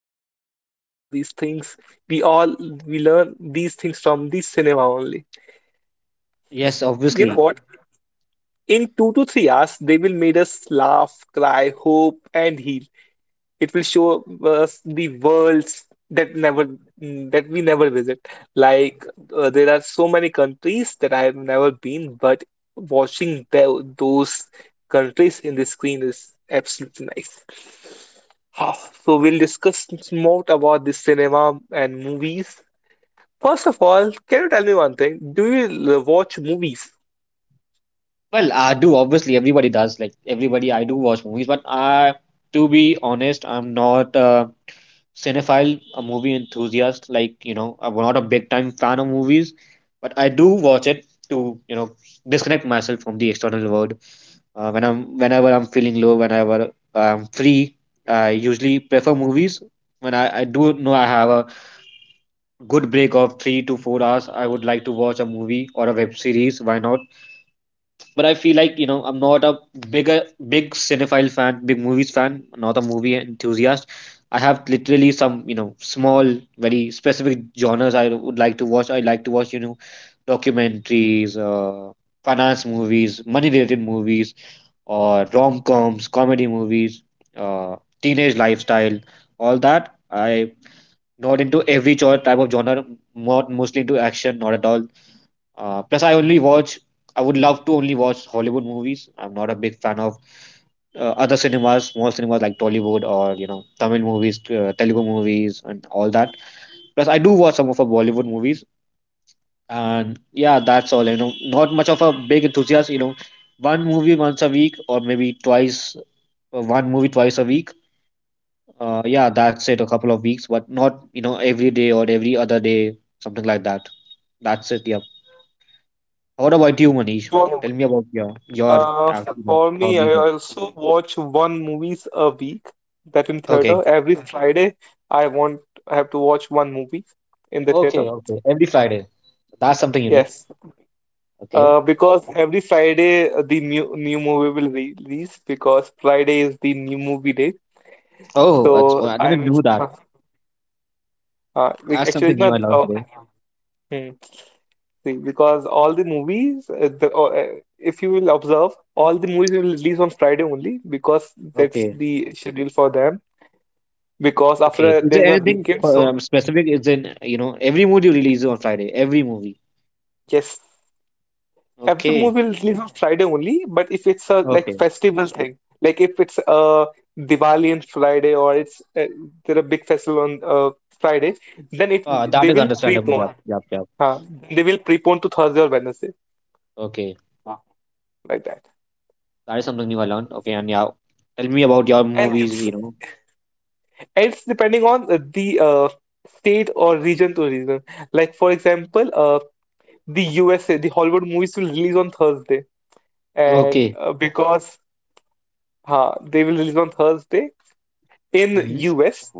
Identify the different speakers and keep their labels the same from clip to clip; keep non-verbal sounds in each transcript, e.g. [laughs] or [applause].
Speaker 1: Silent goodbyes, like these things. We all we learn these things from the cinema only.
Speaker 2: Yes,
Speaker 1: You know
Speaker 2: obviously.
Speaker 1: what? In 2 to 3 hours, they will made us laugh, cry, hope, and heal. It will show us the worlds that never that we never visit. Like, there are so many countries that I have never been, but watching those countries in the screen is absolutely nice. Ah, So we'll discuss more about the cinema and movies. First of all, can you tell me one thing? Do you watch movies?
Speaker 2: Well, I do, obviously, everybody does. Like, everybody, I do watch movies, to be honest, I'm not a cinephile, a movie enthusiast. Like, you know, I'm not a big time fan of movies, but I do watch it to, disconnect myself from the external world. Whenever I'm feeling low, whenever I'm free, I usually prefer movies. When I do know I have a good break of 3 to 4 hours, I would like to watch a movie or a web series. Why not? But I feel like I'm not a bigger big cinephile fan, big movies fan, not a movie enthusiast. I have literally some small, very specific genres I would like to watch. I like to watch documentaries, finance movies, money related movies, or rom coms, comedy movies, uh, teenage lifestyle, all that. I not into every type of genre, not mostly into action, not at all. Plus, I only watch. I would love to only watch Hollywood movies. I'm not a big fan of other cinemas, small cinemas like Tollywood or Tamil movies, Telugu movies, and all that. Plus, I do watch some of the Bollywood movies, and yeah, that's all. You know, not much of a big enthusiast. You know, one movie once a week or maybe twice, one movie twice a week. Yeah, that's it. A couple of weeks, but not every day or every other day, something like that. That's it. Yeah. What about you, Manish? Tell me about your
Speaker 1: Uh,
Speaker 2: you know,
Speaker 1: for me, I
Speaker 2: hobbies.
Speaker 1: also watch one movies a week, that in
Speaker 2: Okay.
Speaker 1: theater. Every Friday, I want I have to watch one movie in the theater.
Speaker 2: Okay. Okay. Every Friday. That's something unique.
Speaker 1: Yes,
Speaker 2: Okay.
Speaker 1: because every Friday the new movie will re release because Friday is the new movie day.
Speaker 2: Oh, oh,
Speaker 1: So
Speaker 2: I
Speaker 1: I
Speaker 2: didn't
Speaker 1: will
Speaker 2: know that.
Speaker 1: [laughs] uh, like,
Speaker 2: That's
Speaker 1: actually
Speaker 2: something
Speaker 1: it's
Speaker 2: new I
Speaker 1: not
Speaker 2: learned today.
Speaker 1: hmm, see, because all the movies the if you will observe, all the movies will release on Friday only because that's
Speaker 2: Okay.
Speaker 1: the schedule for them. Because
Speaker 2: Okay.
Speaker 1: after
Speaker 2: Is there
Speaker 1: there's a
Speaker 2: anything
Speaker 1: weekend, so
Speaker 2: specific? Is in you know every movie you release on Friday. Every movie.
Speaker 1: yes, every
Speaker 2: Okay.
Speaker 1: movie will release on Friday only. But if it's a like
Speaker 2: Okay.
Speaker 1: festival thing, like if it's Diwali on Friday, or it's there a big festival on Friday, then it
Speaker 2: That
Speaker 1: they
Speaker 2: is
Speaker 1: will
Speaker 2: understandable. Yep.
Speaker 1: prepone.
Speaker 2: Yep. Yep.
Speaker 1: Uh, they will prepone to Thursday or Wednesday
Speaker 2: Okay.
Speaker 1: like that.
Speaker 2: That is something new I learned. Okay. And yeah, tell me about your
Speaker 1: And
Speaker 2: movies.
Speaker 1: it's
Speaker 2: You know.
Speaker 1: and it's depending on the state or region to region. Like for example, the USA, the Hollywood movies will release on Thursday, and
Speaker 2: Okay.
Speaker 1: they will release on Thursday in
Speaker 2: Hmm.
Speaker 1: US.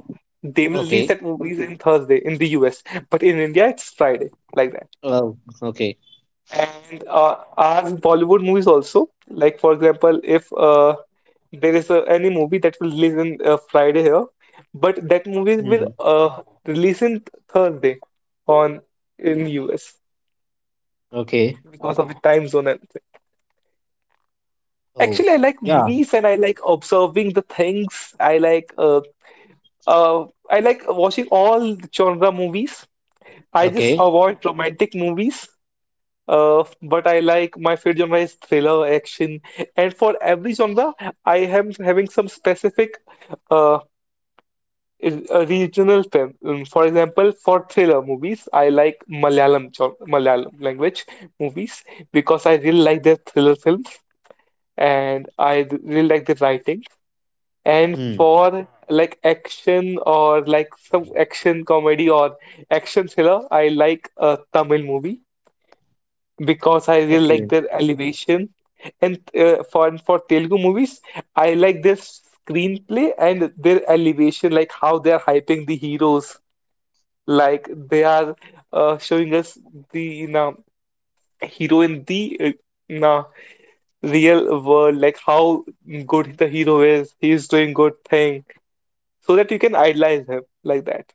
Speaker 1: They will release
Speaker 2: Okay.
Speaker 1: that movies in Thursday in the US, but in India it's Friday, like that.
Speaker 2: Oh. Okay.
Speaker 1: And our Bollywood movies also, like for example, if there is any movie that will release in Friday here, but that movie will
Speaker 2: Hmm.
Speaker 1: release in Thursday on in US
Speaker 2: Okay.
Speaker 1: because of the time zone and thing.
Speaker 2: Oh,
Speaker 1: Actually, I like
Speaker 2: yeah.
Speaker 1: movies and I like observing the things. Uh, I like watching all genre movies. I just
Speaker 2: Okay.
Speaker 1: avoid romantic movies. But I like, my favorite genre is thriller, action, and for every genre, I am having some specific uh, regional film. For example, for thriller movies, I like Malayalam language movies because I really like their thriller films, and really like their writing. And
Speaker 2: Hmm.
Speaker 1: for like action, or like some action comedy or action thriller, I like a Tamil movie because I really like
Speaker 2: Okay.
Speaker 1: their elevation. And for Telugu movies, I like their screenplay and their elevation, like how they are hyping the heroes, like they are showing us the, you know, hero in the, you know, real world, like how good the hero is. He is doing good thing so that you can idolize him, like that.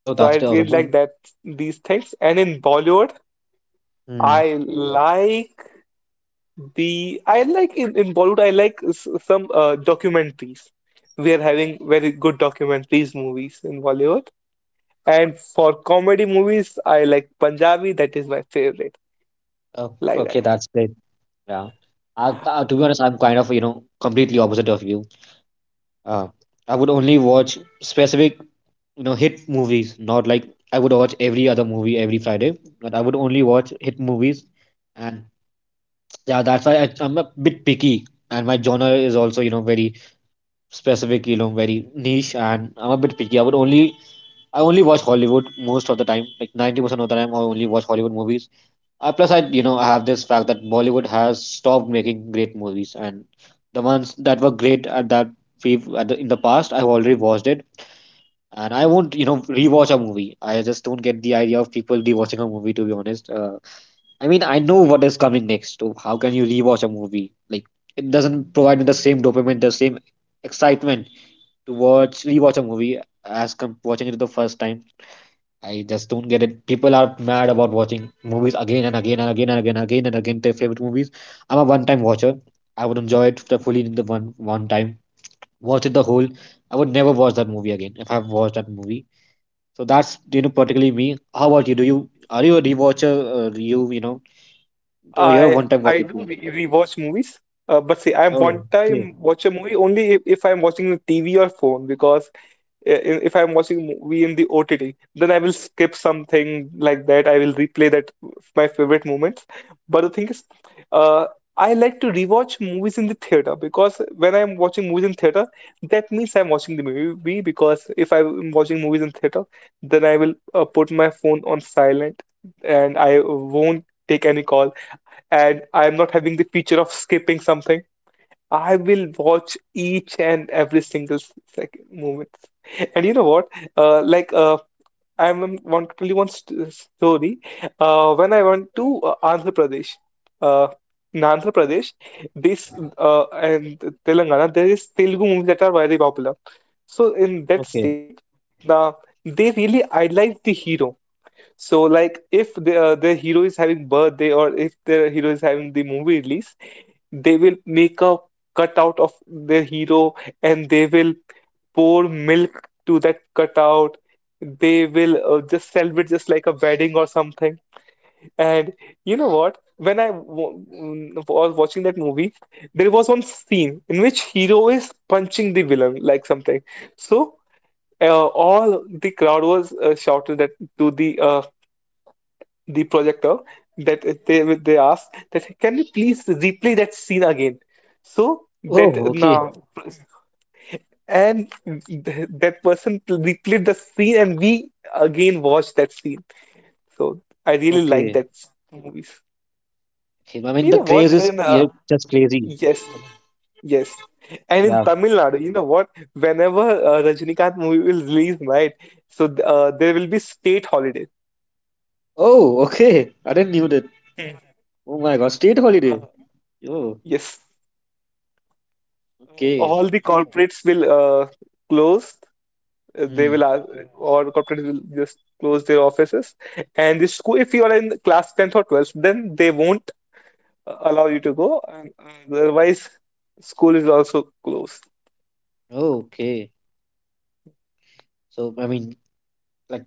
Speaker 2: Oh,
Speaker 1: So I
Speaker 2: that's the
Speaker 1: really
Speaker 2: awesome
Speaker 1: like
Speaker 2: one.
Speaker 1: that these things. And in Bollywood,
Speaker 2: Hmm.
Speaker 1: I like the I like in Bollywood I like some documentaries. We are having very good documentaries movies in Bollywood. And for comedy movies, I like Punjabi. That is my favorite.
Speaker 2: Oh,
Speaker 1: Like
Speaker 2: okay.
Speaker 1: that.
Speaker 2: That's great. Yeah. To be honest, I'm kind of, you know, completely opposite of you. Uh, I would only watch specific, you know, hit movies, not like I would watch every other movie every Friday, but I would only watch hit movies. And yeah, that's why I'm a bit picky. And my genre is also, you know, very specific, you know, very niche. And I'm a bit picky. I only watch Hollywood most of the time. Like 90% of the time, I only watch Hollywood movies. Plus, I I have this fact that Bollywood has stopped making great movies, and the ones that were great at that we've in the past, I've already watched it, and I won't rewatch a movie. I just don't get the idea of people rewatching a movie. To be honest, I mean I know what is coming next. So how can you rewatch a movie? Like it doesn't provide me the same dopamine, the same excitement to watch rewatch a movie as watching it the first time. I just don't get it. People are mad about watching movies again and again and again and again and again and again their favorite movies. I'm a one-time watcher. I would enjoy it the fully in the one time, watch it the whole. I would never watch that movie again if I've watched that movie. So that's you know particularly me. How about you? Do you Are you a rewatcher? Do you you know Oh, you're a one-time watcher
Speaker 1: I do
Speaker 2: too.
Speaker 1: re rewatch movies. But see, I
Speaker 2: Oh,
Speaker 1: one
Speaker 2: okay,
Speaker 1: time watch a movie only if I'm watching the TV or phone, because if I'm watching a movie in the OTT, then I will skip something like that. I will replay that my favorite moments. But the thing is, uh, I like to rewatch movies in the theater, because when I'm watching movies in theater, that means I'm watching the movie. Because if I'm watching movies in theater, then I will put my phone on silent and I won't take any call. And I'm not having the feature of skipping something. I will watch each and every single second moment. And you know what? Like I'm- want to tell you one st story. When I went to Andhra Pradesh, uh, in Andhra Pradesh, this and Telangana, there is Telugu movies that are very popular. So in that
Speaker 2: okay,
Speaker 1: state, the they really idolize the hero. So like if the, the hero is having birthday, or if their hero is having the movie release, they will make a cutout of their hero, and they will pour milk to that cutout. They will just celebrate just like a wedding or something. And you know what? When I w was watching that movie, there was one scene in which hero is punching the villain like something. So all the crowd was shouted at to the, the projector, that they asked that can you please replay that scene again so that
Speaker 2: oh, okay,
Speaker 1: now. And that person replayed the scene and we again watched that scene. So I
Speaker 2: okay.
Speaker 1: really like that movies.
Speaker 2: Okay, I mean the
Speaker 1: You
Speaker 2: craze
Speaker 1: know
Speaker 2: is
Speaker 1: what?
Speaker 2: yeah
Speaker 1: And
Speaker 2: just crazy.
Speaker 1: yes, yes.
Speaker 2: Yeah.
Speaker 1: And in Tamil Nadu, you know what, whenever Rajinikanth movie will release, right, so there will be state holiday.
Speaker 2: Oh, okay. I didn't knew that. Oh my God, state
Speaker 1: uh,
Speaker 2: holiday. Oh.
Speaker 1: yes,
Speaker 2: Okay.
Speaker 1: all the corporates will uh, close. They will
Speaker 2: Mm.
Speaker 1: ask, or corporates will just close their offices. And the school, if you are in class 10th or 12th, then they won't allow you to go. And otherwise, school is also closed.
Speaker 2: Okay. So I mean, like,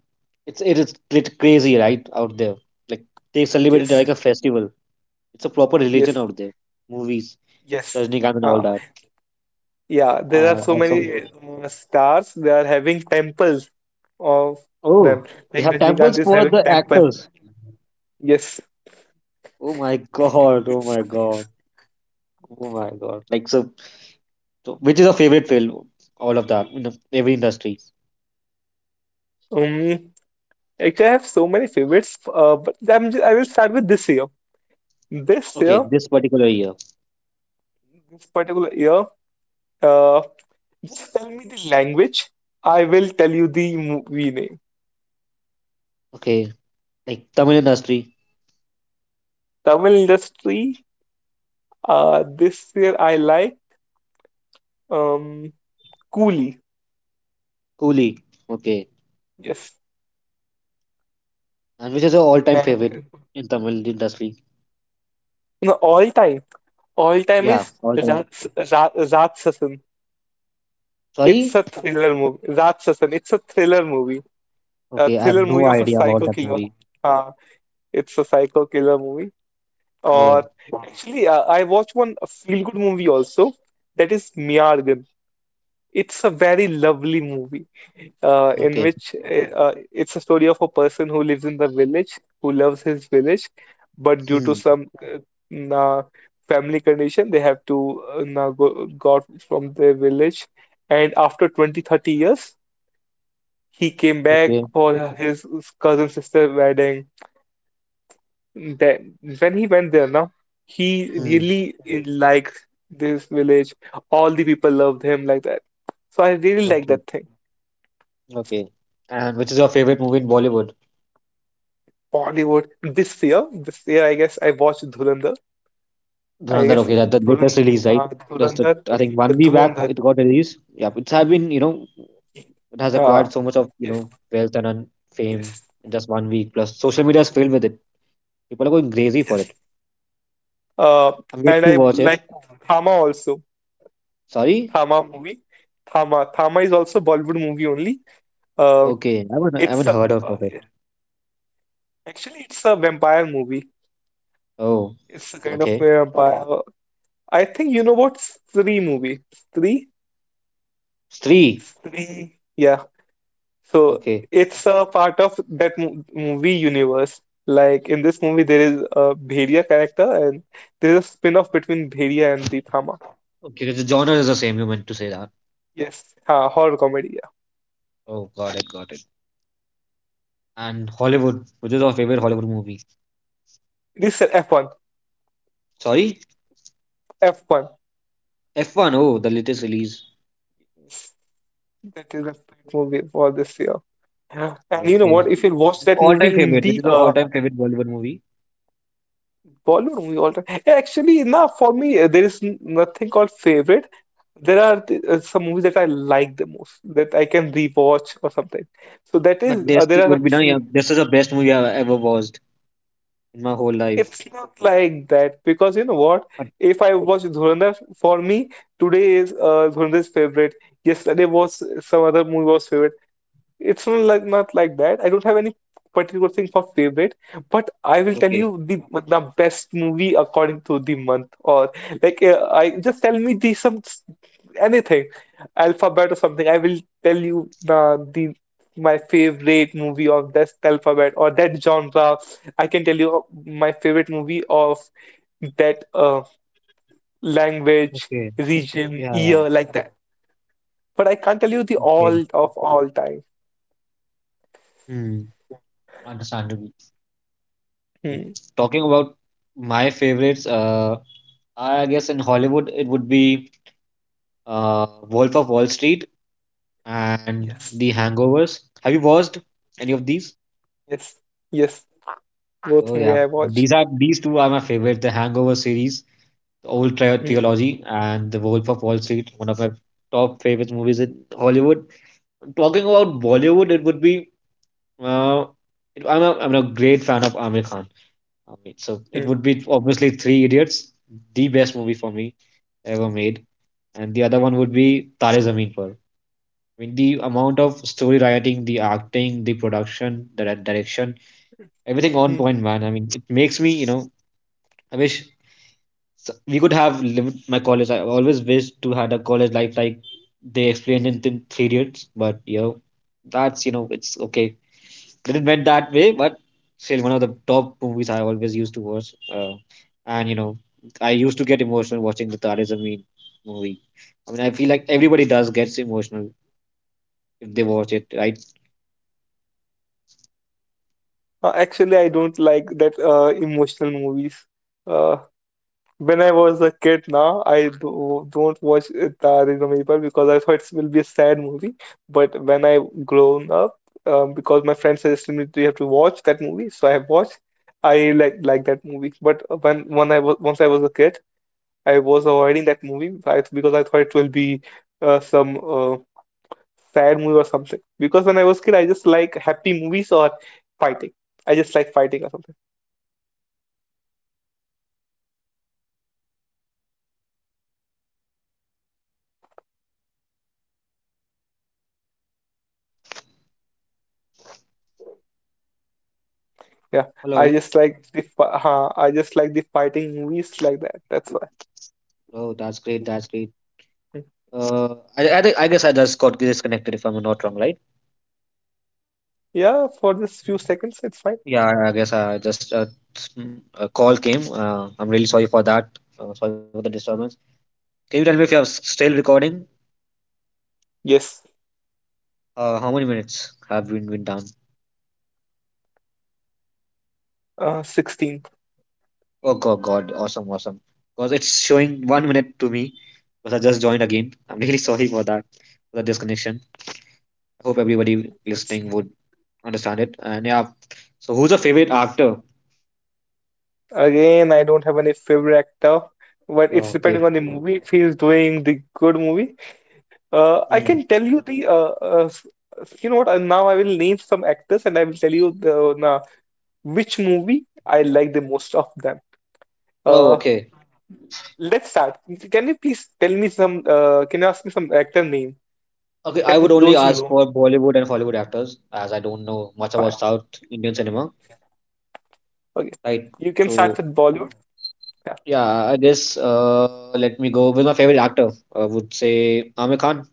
Speaker 2: it's it is lit crazy, right, out there. Like they celebrate it
Speaker 1: Yes,
Speaker 2: like a festival. It's a proper
Speaker 1: yes,
Speaker 2: religion out there. Movies,
Speaker 1: yes.
Speaker 2: Rajnikant and all
Speaker 1: Uh,
Speaker 2: that.
Speaker 1: yeah, there are so
Speaker 2: Awesome.
Speaker 1: many stars. They are having temples of
Speaker 2: Oh,
Speaker 1: them.
Speaker 2: they
Speaker 1: Like
Speaker 2: have
Speaker 1: Rajinikanth
Speaker 2: temples
Speaker 1: is
Speaker 2: for
Speaker 1: having
Speaker 2: the
Speaker 1: temple.
Speaker 2: actors.
Speaker 1: Yes.
Speaker 2: Oh my God. Oh
Speaker 1: It's
Speaker 2: my
Speaker 1: crazy.
Speaker 2: God. Oh my God. Like so which is your favorite film? All of that in every industry.
Speaker 1: Um, actually, I have so many favorites, but I will start with this year. This
Speaker 2: Okay,
Speaker 1: year,
Speaker 2: this particular year.
Speaker 1: this particular year. Uh, just tell me the language, I will tell you the movie name.
Speaker 2: Okay, like Tamil industry.
Speaker 1: Tamil industry. This year I like um Coolie.
Speaker 2: Coolie. Okay.
Speaker 1: Yes,
Speaker 2: And which is your all-time favorite
Speaker 1: and
Speaker 2: in Tamil industry?
Speaker 1: no, all time. All time
Speaker 2: Yeah,
Speaker 1: is
Speaker 2: all-time.
Speaker 1: Rats Ratsasan. It's
Speaker 2: Sorry?
Speaker 1: a thriller movie. Ratsasan. It's a thriller movie. A
Speaker 2: Okay, I have
Speaker 1: thriller
Speaker 2: no
Speaker 1: movie of a
Speaker 2: idea about
Speaker 1: psycho
Speaker 2: that
Speaker 1: killer.
Speaker 2: movie.
Speaker 1: Uh, it's a psycho killer movie. Or
Speaker 2: Oh,
Speaker 1: actually, I watched one feel good movie also. That is Miyargan. It's a very lovely movie, in
Speaker 2: okay.
Speaker 1: which, it's a story of a person who lives in the village, who loves his village, but due to
Speaker 2: Hmm.
Speaker 1: some na family condition, they have to na go, go out from their village. And after 20-30 years, he came back
Speaker 2: Okay.
Speaker 1: for his cousin sister wedding. Then when he went there, now he
Speaker 2: Hmm.
Speaker 1: really liked this village. All the people loved him, like that. So I really like
Speaker 2: Okay.
Speaker 1: that thing.
Speaker 2: Okay. And which is your favorite movie in Bollywood?
Speaker 1: Bollywood this year I guess I watched Dhurandhar. I
Speaker 2: Dhurandhar.
Speaker 1: guess
Speaker 2: Okay, that the latest
Speaker 1: Dhurandhar,
Speaker 2: release, right?
Speaker 1: uh,
Speaker 2: That's the
Speaker 1: Dhurandhar,
Speaker 2: I think 1 week back
Speaker 1: Dhurandhar.
Speaker 2: it got released. Yeah, it's have been you know it has
Speaker 1: Uh,
Speaker 2: acquired so much of you
Speaker 1: yes,
Speaker 2: know wealth and fame
Speaker 1: yes,
Speaker 2: in just 1 week. Plus, social media is filled with it. People are going crazy for
Speaker 1: yes.
Speaker 2: it.
Speaker 1: Uh,
Speaker 2: I'm yet
Speaker 1: and
Speaker 2: to
Speaker 1: I
Speaker 2: watch it.
Speaker 1: like Thama also.
Speaker 2: Sorry?
Speaker 1: Thama movie. Thama. Thama is also Bollywood movie only. Uh,
Speaker 2: Okay, I haven't
Speaker 1: it's a
Speaker 2: heard of it.
Speaker 1: Actually, it's a vampire movie.
Speaker 2: Oh.
Speaker 1: It's a kind of
Speaker 2: Okay.
Speaker 1: vampire. I think you know what, Stree movie. Stree,
Speaker 2: Three.
Speaker 1: Stree. Yeah, so
Speaker 2: Okay.
Speaker 1: it's a part of that mo movie universe. Like in this movie, there is a Bheria character, and there is a spin-off between Bheria and the Thama.
Speaker 2: Okay, the genre is the same. You meant to say that.
Speaker 1: Yes, ha, horror comedy. Yeah,
Speaker 2: Oh, got it, got it. And Hollywood. Which is our favorite Hollywood movie?
Speaker 1: this is F1,
Speaker 2: Sorry?
Speaker 1: F1.
Speaker 2: F1. Oh, the latest release.
Speaker 1: Yes, that is a great movie for this year. Yeah. And you know
Speaker 2: Okay.
Speaker 1: what? If you watch that
Speaker 2: All-time
Speaker 1: movie in
Speaker 2: favorite. Which
Speaker 1: the,
Speaker 2: is the all-time favorite Bollywood movie?
Speaker 1: Bollywood movie all time, yeah, actually, nah, for me, there is nothing called favorite. There are some movies that I like the most, that I can rewatch or something. So that is,
Speaker 2: But this
Speaker 1: there are.
Speaker 2: would be done. Yeah, this is the best movie I've ever watched in my whole life.
Speaker 1: It's not like that, because you know what?
Speaker 2: But
Speaker 1: If I watch Dhurandhar, for me today is Dhurandhar's favorite. Yesterday was some other movie was favorite. It's not like not like that. I don't have any particular thing for favorite, but I will tell
Speaker 2: okay.
Speaker 1: you the best movie according to the month, or like, I just tell me the anything, alphabet or something. I will tell you the my favorite movie of this alphabet or that genre. I can tell you my favorite movie of that language,
Speaker 2: Okay.
Speaker 1: region,
Speaker 2: Yeah, yeah.
Speaker 1: year, like that. But I can't tell you the
Speaker 2: Okay.
Speaker 1: all of all time.
Speaker 2: Hmm. Understandable. Wait,
Speaker 1: Hmm.
Speaker 2: talking about my favorites, I guess in Hollywood it would be Wolf of Wall Street and
Speaker 1: Yes.
Speaker 2: The Hangovers. Have you watched any of these?
Speaker 1: Yes, yes, both
Speaker 2: Oh
Speaker 1: movie
Speaker 2: yeah,
Speaker 1: I watched.
Speaker 2: these are these two are my favorite. The Hangover series, the old
Speaker 1: Mm,
Speaker 2: trilogy, and The Wolf of Wall Street. One of my top favorite movies in Hollywood. Talking about Bollywood, it would be uh, I'm a great fan of Aamir Khan. I mean, so it
Speaker 1: mm,
Speaker 2: would be obviously Three Idiots, the best movie for me ever made, and the other one would be Tare Zameen Par. I mean, the amount of story writing, the acting, the production, the direction, everything on
Speaker 1: mm.
Speaker 2: point, man. I mean, it makes me, you know, I wish we could have lived my college. I always wish to had a college life like they explained in 3 years, but you know, that's you know, it's okay. Didn't went that way, but still one of the top movies I always used to watch. And you know, I used to get emotional watching the Tare Zameen movie. I mean, I feel like everybody does gets emotional if they watch it. I
Speaker 1: Actually, I don't like that emotional movies. Uh, when I was a kid, now I do, don't watch Taare Zameen because I thought it will be a sad movie. But when I grown up, because my friend suggested me to, you have to watch that movie, so I have watched. I like that movie. But when I was once I was a kid, I was avoiding that movie, because I thought it will be some sad movie or something. Because when I was kid, I just like happy movies or fighting. I just like fighting or something. Yeah, I
Speaker 2: hello.
Speaker 1: just like I just like the fighting movies like that. That's why.
Speaker 2: Oh, that's great. That's great.
Speaker 1: Mm.
Speaker 2: I guess I just got disconnected if I'm not wrong, right?
Speaker 1: Yeah, for just few seconds, it's fine.
Speaker 2: Yeah, I guess I just mm, a call came. I'm really sorry for that. Sorry for the disturbance. Can you tell me if you are still recording?
Speaker 1: Yes,
Speaker 2: How many minutes have been done?
Speaker 1: 16.
Speaker 2: Oh God, God, awesome, awesome. Because it's showing 1 minute to me. Because I just joined again. I'm really [laughs] sorry for that, for the disconnection. I hope everybody
Speaker 1: That's
Speaker 2: listening would understand it. And yeah, so who's your favorite actor?
Speaker 1: Again, I don't have any favorite actor, but
Speaker 2: Oh,
Speaker 1: it's depending
Speaker 2: okay.
Speaker 1: on the movie. If he's doing the good movie, I
Speaker 2: Hmm.
Speaker 1: can tell you the you know what? Now I will name some actors and I will tell you the which movie I like the most of them?
Speaker 2: Oh,
Speaker 1: Uh,
Speaker 2: okay.
Speaker 1: let's start. Can you please tell me some? Can you ask me some actor name
Speaker 2: Okay, I would
Speaker 1: that
Speaker 2: only
Speaker 1: those you
Speaker 2: ask
Speaker 1: know?
Speaker 2: for Bollywood and Hollywood actors, as I don't know much about
Speaker 1: Fine.
Speaker 2: South Indian cinema,
Speaker 1: Okay,
Speaker 2: right?
Speaker 1: you can start
Speaker 2: So
Speaker 1: with Bollywood. Yeah.
Speaker 2: yeah, I guess let me go with my favorite actor. I would say Aamir Khan.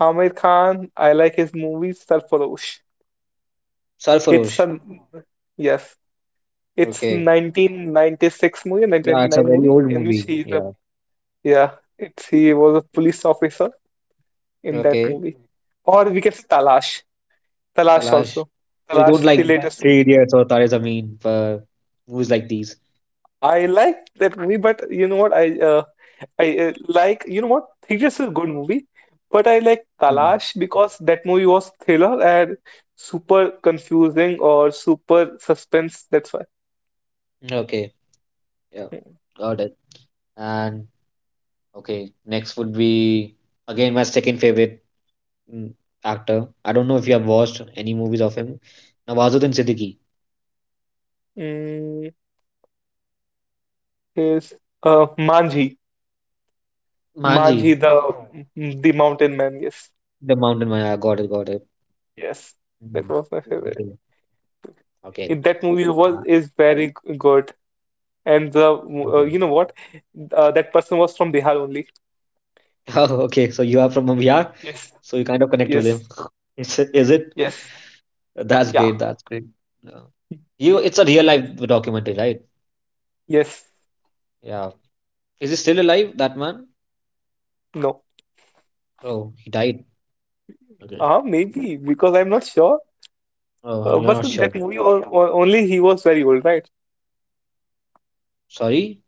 Speaker 1: Aamir Khan. I like his movies. Sarfarosh. It's
Speaker 2: Sarfarosh.
Speaker 1: a Yes. It's
Speaker 2: Okay,
Speaker 1: 1996 movie,
Speaker 2: yeah, it's a
Speaker 1: 1999
Speaker 2: very
Speaker 1: movie
Speaker 2: old
Speaker 1: in which
Speaker 2: movie.
Speaker 1: he's a,
Speaker 2: Yeah.
Speaker 1: yeah. It's He was a police officer in that
Speaker 2: Okay,
Speaker 1: movie. Or we can say Talash. Talash
Speaker 2: Talash.
Speaker 1: also.
Speaker 2: So you don't
Speaker 1: Talash, the
Speaker 2: like
Speaker 1: latest one.
Speaker 2: Three Idiots or Tare Zameen for movies like these.
Speaker 1: I like that movie, but you know what? I like You know what? Tejas is a good movie, but I like
Speaker 2: Hmm.
Speaker 1: Talash because that movie was thriller and super confusing or super suspense. That's why.
Speaker 2: Okay, yeah, got it. And okay, next would be again my second favorite. mm, Actor. I don't know if you have watched any movies of him. Nawazuddin Siddiqui.
Speaker 1: Mm, yes. Manji,
Speaker 2: Manji.
Speaker 1: The the mountain man. Yes,
Speaker 2: The Mountain Man. I got it, got it.
Speaker 1: yes, that
Speaker 2: Mhm.
Speaker 1: was my favorite.
Speaker 2: Okay, okay,
Speaker 1: In that movie was
Speaker 2: uh,
Speaker 1: is very good, and the
Speaker 2: okay.
Speaker 1: you know what? That person was from Bihar only.
Speaker 2: [laughs] Oh, okay. So you are from Bihar,
Speaker 1: Yes,
Speaker 2: so you kind of connect with him.
Speaker 1: yes,
Speaker 2: [laughs] Is it? Is it?
Speaker 1: yes.
Speaker 2: That's
Speaker 1: Yeah.
Speaker 2: great. That's great. Yeah. You, it's a real life documentary, right?
Speaker 1: Yes,
Speaker 2: Yeah. Is he still alive, that man?
Speaker 1: no.
Speaker 2: Oh, he died. Okay.
Speaker 1: Ah, maybe because I'm not sure.
Speaker 2: Oh, you're
Speaker 1: But
Speaker 2: not
Speaker 1: in
Speaker 2: sure.
Speaker 1: that movie, only he was very old, right?
Speaker 2: Sorry?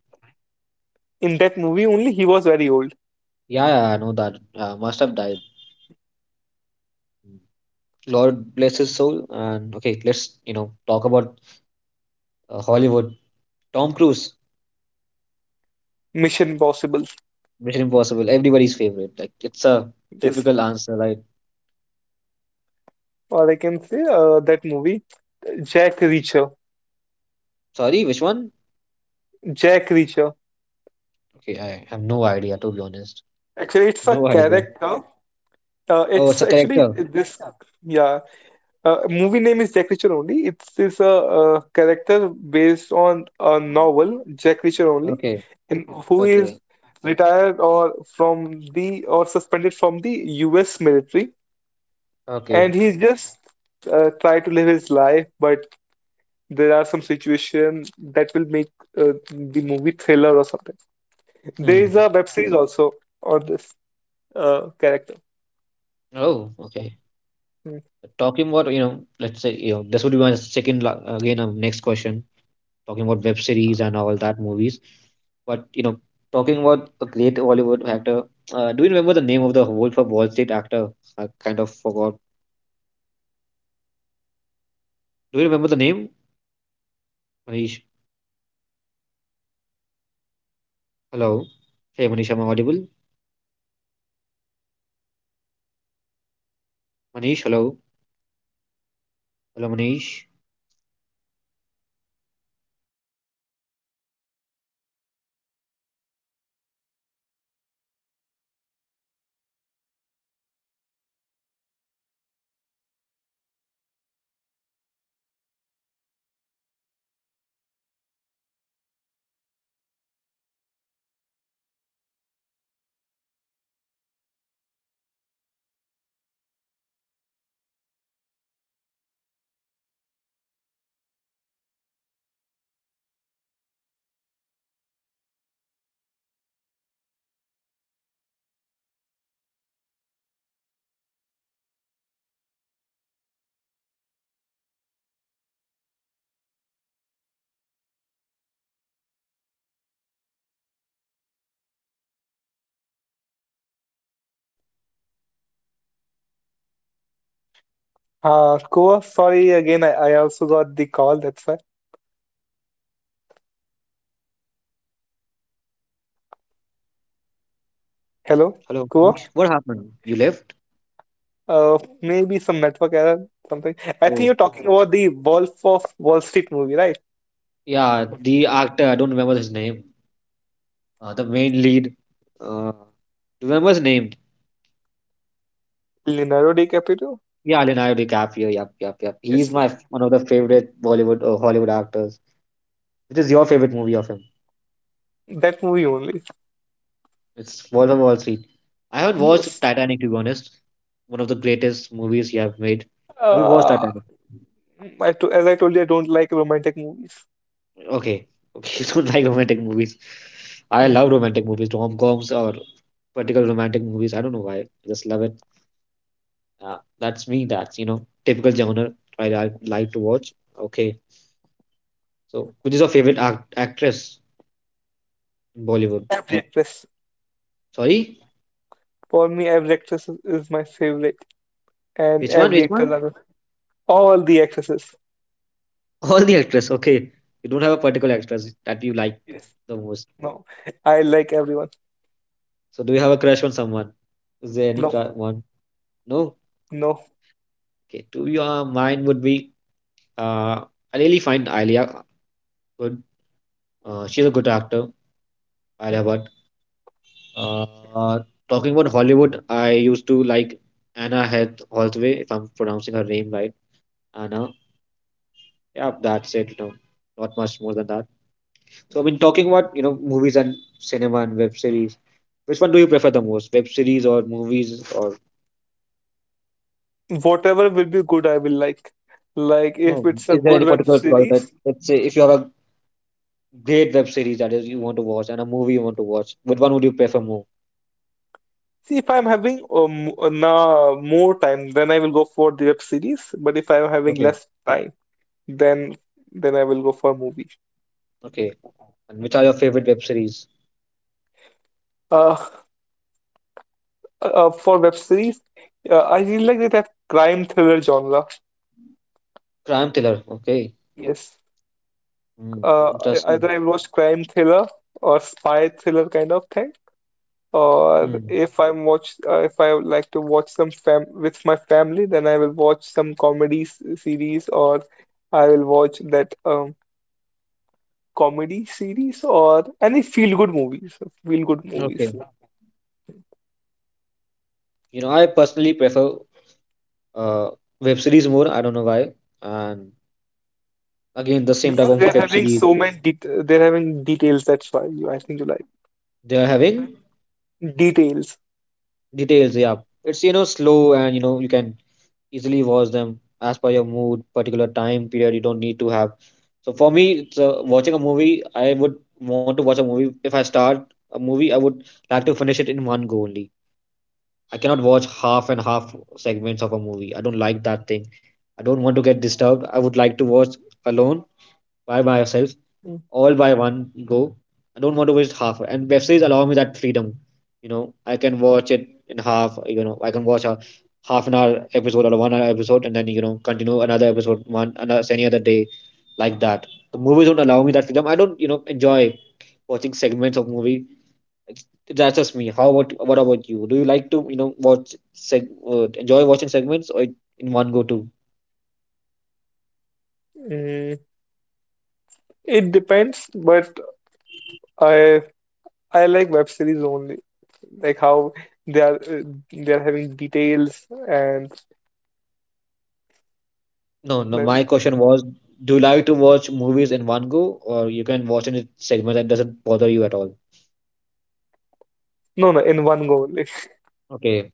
Speaker 1: In that movie, only he was very old.
Speaker 2: Yeah, yeah, I know that. Must have died. Hmm. Lord bless his soul. And okay, let's you know talk about Hollywood. Tom Cruise.
Speaker 1: Mission Impossible.
Speaker 2: Mission Impossible, everybody's favorite. Like it's a
Speaker 1: Yes.
Speaker 2: typical answer. Like
Speaker 1: Or I can say that movie, Jack Reacher.
Speaker 2: sorry, which one?
Speaker 1: Jack Reacher.
Speaker 2: Okay, I have no idea to be honest.
Speaker 1: Actually, it's a
Speaker 2: No idea.
Speaker 1: character.
Speaker 2: Oh, it's
Speaker 1: It's
Speaker 2: a
Speaker 1: actually
Speaker 2: character.
Speaker 1: this. Yeah, movie name is Jack Reacher only. It's this character based on a novel, Jack Reacher only,
Speaker 2: Okay,
Speaker 1: in who is
Speaker 2: okay,
Speaker 1: retired or from the or suspended from the U.S. military, and
Speaker 2: okay.
Speaker 1: he just try to live his life, but there are some situations that will make the movie thriller or something. There is
Speaker 2: Hmm.
Speaker 1: a web series also on this character.
Speaker 2: Oh, okay. Talking about you know, let's say you know, this would be my second again next question. Talking about web series and all that movies. But you know, talking about a great Hollywood actor, do you remember the name of the Wolf of Wall Street actor? I kind of forgot. Do you remember the name? Manish. Hello. Hey, Manish, am I audible? Manish, hello. Hello, Manish.
Speaker 1: Kuwa, sorry again. I also got the call. That's why. Hello,
Speaker 2: Hello,
Speaker 1: Kuwa.
Speaker 2: Manish. What happened? You left?
Speaker 1: Maybe some network error, something. I think
Speaker 2: Oh,
Speaker 1: you're talking about the Wolf of Wall Street movie, right?
Speaker 2: yeah. The actor, I don't remember his name. The main lead. Uh, do you remember his name?
Speaker 1: Leonardo DiCaprio.
Speaker 2: Yeah, Leonardo DiCaprio. Yep, yep, yep. He's
Speaker 1: Yes,
Speaker 2: my one of the favorite Bollywood or Hollywood actors. Which is your favorite movie of him?
Speaker 1: that movie only.
Speaker 2: It's Wolf of Wall Street. I haven't watched
Speaker 1: Yes.
Speaker 2: Titanic, to be honest. One of the greatest movies he have made. Have you watched
Speaker 1: Uh,
Speaker 2: Titanic?
Speaker 1: as I told you, I don't like romantic movies.
Speaker 2: Okay, okay. [laughs] You don't like romantic movies. I
Speaker 1: Hmm.
Speaker 2: love romantic movies, rom coms or particular romantic movies. I don't know why. I just love it. Yeah, that's me. Typical genre like to watch. Okay. So, which is your favorite actress in Bollywood?
Speaker 1: Every actress,
Speaker 2: Sorry?
Speaker 1: for me, every actress is my favorite, and
Speaker 2: Which one?
Speaker 1: every
Speaker 2: Which
Speaker 1: actor,
Speaker 2: one?
Speaker 1: all the actresses.
Speaker 2: [laughs] All the actress. Okay. You don't have a particular actress that you like
Speaker 1: Yes.
Speaker 2: the most.
Speaker 1: No, I like everyone.
Speaker 2: So, do you have a crush on someone? Is there any
Speaker 1: No,
Speaker 2: one? No?
Speaker 1: no.
Speaker 2: Okay. To your mine would be uh, I really find Alia good. She's a good actor, Alia
Speaker 1: Hmm.
Speaker 2: Bhatt. Uh, Talking about Hollywood, I used to like Anna Heath Hathaway, if I'm pronouncing her name right. Anna. Yeah, that's it. Not much more than that. So talking about movies and cinema and web series. Which one do you prefer the most? Web series or movies or
Speaker 1: Whatever will be good I will like. Like if
Speaker 2: no?
Speaker 1: it's a
Speaker 2: Is there any
Speaker 1: good web
Speaker 2: particular choice that,
Speaker 1: series,
Speaker 2: let's say if you have a great web series that is you want to watch and a movie you want to watch, which one would you prefer more?
Speaker 1: see if I'm having na more time, then I will go for the web series. But if I'm having
Speaker 2: Okay.
Speaker 1: less time, then I will go for movie.
Speaker 2: Okay. And which are your favorite web series?
Speaker 1: Uh, for web series, I really like that crime thriller genre.
Speaker 2: Crime thriller. Okay.
Speaker 1: Yes,
Speaker 2: Hmm. Interesting.
Speaker 1: either I watch crime thriller or spy thriller kind of thing. Or
Speaker 2: Hmm.
Speaker 1: if I'm if I would like to watch some fam with my family, then I will watch some series, or I will watch that comedy series, or any feel-good
Speaker 2: Okay.
Speaker 1: movies,
Speaker 2: You know, I personally prefer uh, web series more. I don't know why. And again, the same type
Speaker 1: because
Speaker 2: of
Speaker 1: they're
Speaker 2: web
Speaker 1: having
Speaker 2: series
Speaker 1: so many det they're having details. That's why you, I think you like
Speaker 2: they are having
Speaker 1: details.
Speaker 2: details. Yeah, it's slow and you can easily watch them as per your mood, particular time period. You don't need to have. So for me, it's, watching a movie, I would want to watch a movie. If I start a movie, I would like to finish it in one go only. I cannot watch half and half segments of a movie. I don't like that thing. I don't want to get disturbed. I would like to watch alone by myself
Speaker 1: Mm.
Speaker 2: all by one go. I don't want to waste half. And web series allow me that freedom. You know, I can watch it in half. You know, I can watch a half an hour episode or a 1 hour episode, and then continue another episode one another any other day, like that. The movies don't allow me that freedom. I don't enjoy watching segments of movie. It's- That's just me. How about what about you? Do you like to watch seg enjoy watching segments or in one go too?
Speaker 1: Mm, it depends, but I I like web series only, like how they are uh, they are having details and
Speaker 2: No, no. My
Speaker 1: like.
Speaker 2: question was, do you like to watch movies in one go, or you can watch in segments that doesn't bother you at all?
Speaker 1: No, no, in one go only. [laughs]
Speaker 2: Okay,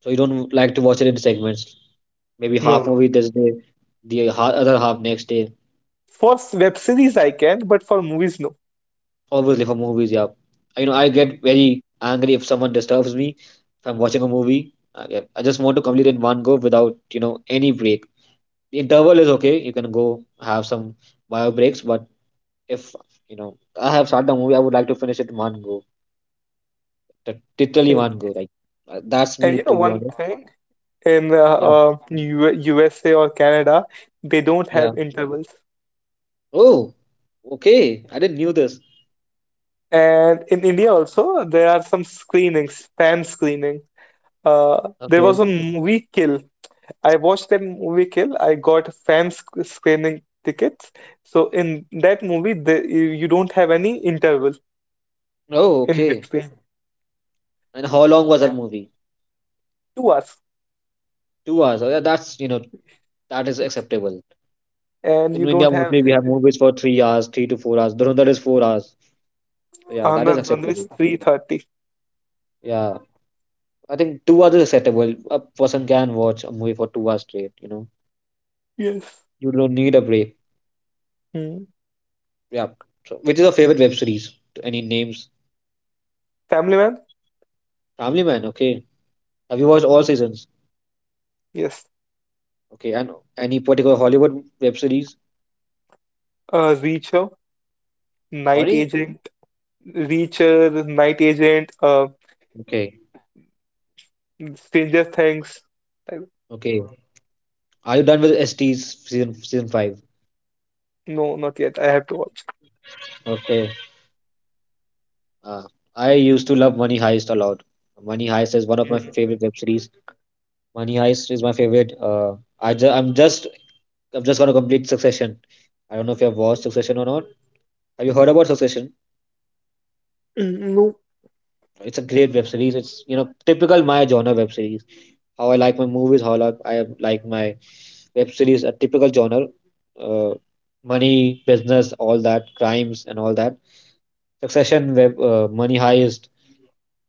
Speaker 2: so you don't like to watch it in segments. Maybe
Speaker 1: No,
Speaker 2: half
Speaker 1: no.
Speaker 2: movie this day, the other half next day.
Speaker 1: For web series, I can, but for movies, no.
Speaker 2: Obviously for movies, yeah. You know, I get very angry if someone disturbs me if I'm watching a movie. I, yeah, I just want to complete in one go without any break. The interval is okay. You can go have some bio breaks, but if I have started a movie, I would like to finish it in one go. That literally
Speaker 1: Same.
Speaker 2: one go. Like that's
Speaker 1: And
Speaker 2: me,
Speaker 1: you know,
Speaker 2: to be
Speaker 1: one
Speaker 2: honest.
Speaker 1: thing in
Speaker 2: Yeah,
Speaker 1: USA or Canada, they don't
Speaker 2: yeah.
Speaker 1: have intervals.
Speaker 2: Oh, okay. I didn't knew this.
Speaker 1: And in India also, there are some screenings, fan screening. There
Speaker 2: Okay.
Speaker 1: was a movie Kill. I watched that movie Kill. I got screening tickets. So in that movie, you don't have any interval
Speaker 2: Oh,
Speaker 1: in
Speaker 2: okay.
Speaker 1: between.
Speaker 2: And how long was that movie?
Speaker 1: 2 hours.
Speaker 2: 2 hours. Oh, yeah, that's that is acceptable.
Speaker 1: And
Speaker 2: In
Speaker 1: you
Speaker 2: India,
Speaker 1: don't have
Speaker 2: mostly we have movies for 3 hours, 3 to 4 hours. Dhurandhar is 4 hours. So, yeah, that is
Speaker 1: Anand one is
Speaker 2: acceptable.
Speaker 1: 330.
Speaker 2: Yeah, I think 2 hours is acceptable. A person can watch a movie for 2 hours straight. You know,
Speaker 1: Yes.
Speaker 2: you don't need a break.
Speaker 1: Hmm.
Speaker 2: Yeah. So, which is your favorite web series? Any names?
Speaker 1: Family man?
Speaker 2: Family Man. Okay. Have you watched all seasons?
Speaker 1: Yes.
Speaker 2: Okay, and any particular Hollywood web series?
Speaker 1: Reacher, Night
Speaker 2: Sorry?
Speaker 1: Agent, Reacher, Night Agent, uh,
Speaker 2: Okay,
Speaker 1: Stranger Things. I,
Speaker 2: okay. Are you done with ST's season 5?
Speaker 1: no, not yet. I have to watch.
Speaker 2: Okay. Uh, I used to love Money Heist a lot. Money Heist is one of my
Speaker 1: Mm.
Speaker 2: favorite web series. Money Heist is my favorite. I'm just gonna complete Succession. I don't know if you have watched Succession or not. Have you heard about Succession?
Speaker 1: Mm, no.
Speaker 2: It's a great web series. It's typical my genre web series. How I like my movies, how I like my web series a typical genre uh, money business all that crimes and all that succession web money heist,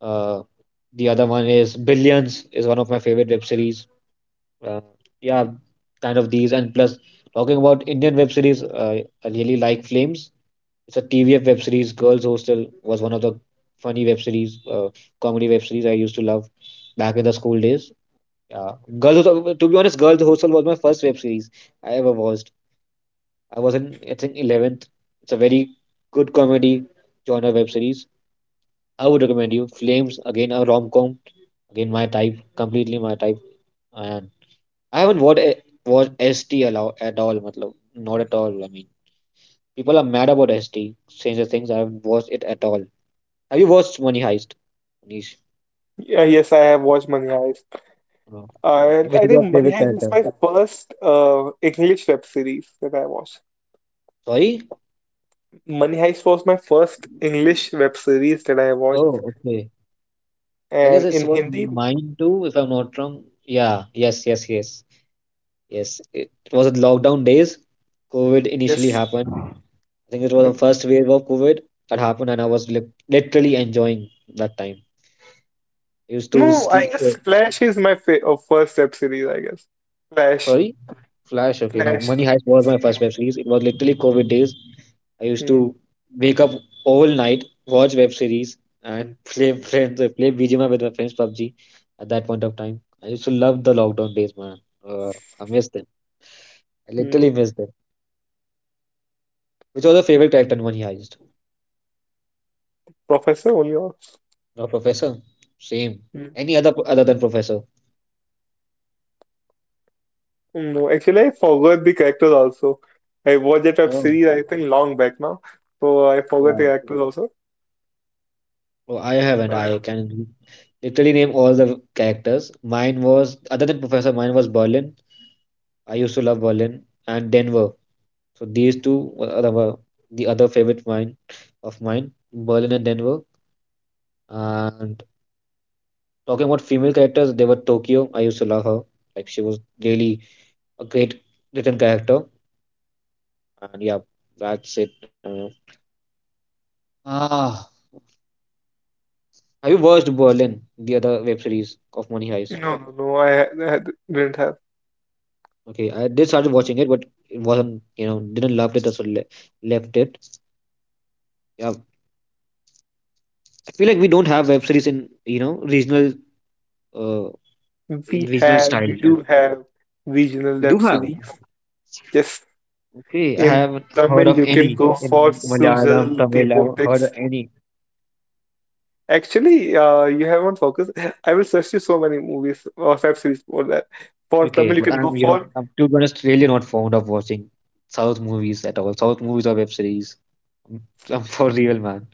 Speaker 2: uh, the other one is billions is one of my favorite web series, uh, yeah, kind of these. And plus talking about indian web series, I really like flames. It's a tvf web series. Girls hostel was one of the funny web series, comedy web series I used to love back in the school days. Yeah, girls hostel, to be honest, girls hostel was my first web series I ever watched. I was in I think eleventh. It's a very good comedy genre web series. I would recommend you Flames, again a rom com, again my type, completely my type. And I haven't watched ST at all, at all, matlab, not at all, I mean people are mad about S T. Stranger Things I haven't watched it at all. Have you watched Money Heist? Manish,
Speaker 1: Yeah, yes, I have watched Money Heist.
Speaker 2: No.
Speaker 1: And
Speaker 2: Which
Speaker 1: I
Speaker 2: is your
Speaker 1: think Money
Speaker 2: favorite
Speaker 1: Heist is
Speaker 2: character?
Speaker 1: my first English web series that I watched.
Speaker 2: Sorry?
Speaker 1: Money Heist was my first English web series that I watched.
Speaker 2: Oh, okay. I guess
Speaker 1: And
Speaker 2: it's
Speaker 1: in
Speaker 2: what
Speaker 1: Hindi,
Speaker 2: mine too, if I'm not wrong. Yeah, yes, yes, yes. Yes, it was at lockdown days. COVID initially
Speaker 1: yes.
Speaker 2: happened. I think it was the first wave of COVID that happened, and I was literally enjoying that time. I used to
Speaker 1: No,
Speaker 2: sl
Speaker 1: I guess Flash is my fa first web series, I guess. Flash,
Speaker 2: sorry, Flash. Okay, no,
Speaker 1: Flash.
Speaker 2: Money Heist was
Speaker 1: It's
Speaker 2: my
Speaker 1: okay.
Speaker 2: first web series. It was literally COVID days. I used
Speaker 1: Hmm,
Speaker 2: to wake up all night, watch web series, and [laughs] play BGMI with my friends PUBG. At that point of time, I used to love the lockdown days, man. Uh, I miss them. I literally
Speaker 1: hmm.
Speaker 2: missed them. Which was your favorite character in Money Heist?
Speaker 1: Professor only.
Speaker 2: No, professor. Same.
Speaker 1: Hmm.
Speaker 2: Any other other than professor.
Speaker 1: No, actually, I forgot the characters also. I watched that web
Speaker 2: Oh,
Speaker 1: series, I think, long back now. So I forgot
Speaker 2: yeah.
Speaker 1: the characters also.
Speaker 2: Oh, I haven't.
Speaker 1: Oh,
Speaker 2: I
Speaker 1: yeah.
Speaker 2: can literally name all the characters. Mine was other than professor. Mine was Berlin. I used to love Berlin and Denver. So these two were the other favorite mine of mine. Berlin and Denver. And talking about female characters, they were Tokyo. I used to love her. Like she was really a great written character. And yeah, that's it. I don't know. Ah, have you watched Berlin, the other web series of Money
Speaker 1: No,
Speaker 2: Heist?
Speaker 1: no, no, I didn't have.
Speaker 2: Okay, I did started watching it, but it wasn't, you know, didn't love it. That's why left it. Yeah, I feel like we don't have web series in, you know, regional, uh, in
Speaker 1: We
Speaker 2: regional
Speaker 1: have,
Speaker 2: style.
Speaker 1: we do have regional
Speaker 2: We do
Speaker 1: web
Speaker 2: have.
Speaker 1: series. Yes,
Speaker 2: Okay, I
Speaker 1: in
Speaker 2: haven't heard
Speaker 1: Tamil,
Speaker 2: of
Speaker 1: you can
Speaker 2: any
Speaker 1: go
Speaker 2: in
Speaker 1: for
Speaker 2: Malayalam,
Speaker 1: Sujal the
Speaker 2: Tamil. I haven't heard of
Speaker 1: Vortex.
Speaker 2: any.
Speaker 1: Actually, you haven't focused. [laughs] I will suggest you so many movies or web series for that. For
Speaker 2: Okay,
Speaker 1: Tamil, you
Speaker 2: but
Speaker 1: can go
Speaker 2: I'm, you know,
Speaker 1: for
Speaker 2: I'm, to be honest, really not fond of watching South movies at all. South movies or web series. I'm, I'm for real, man.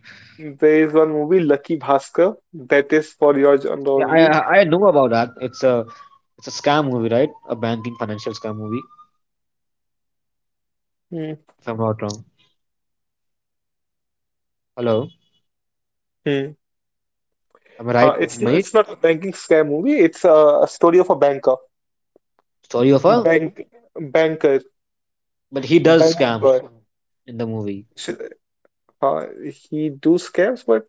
Speaker 1: there is one movie Lucky Bhaskar that is for your genre
Speaker 2: Yeah,
Speaker 1: only.
Speaker 2: I know about that. It's a scam movie, right? A banking financial scam movie,
Speaker 1: Hmm.
Speaker 2: if I'm not wrong. Hello, am I right,
Speaker 1: It's
Speaker 2: mate?
Speaker 1: it's not a banking scam movie. It's a story of a banker,
Speaker 2: Story of a
Speaker 1: bank banker,
Speaker 2: but he does
Speaker 1: bank
Speaker 2: scams
Speaker 1: employee.
Speaker 2: in the movie.
Speaker 1: Sh- Uh, he do scams, but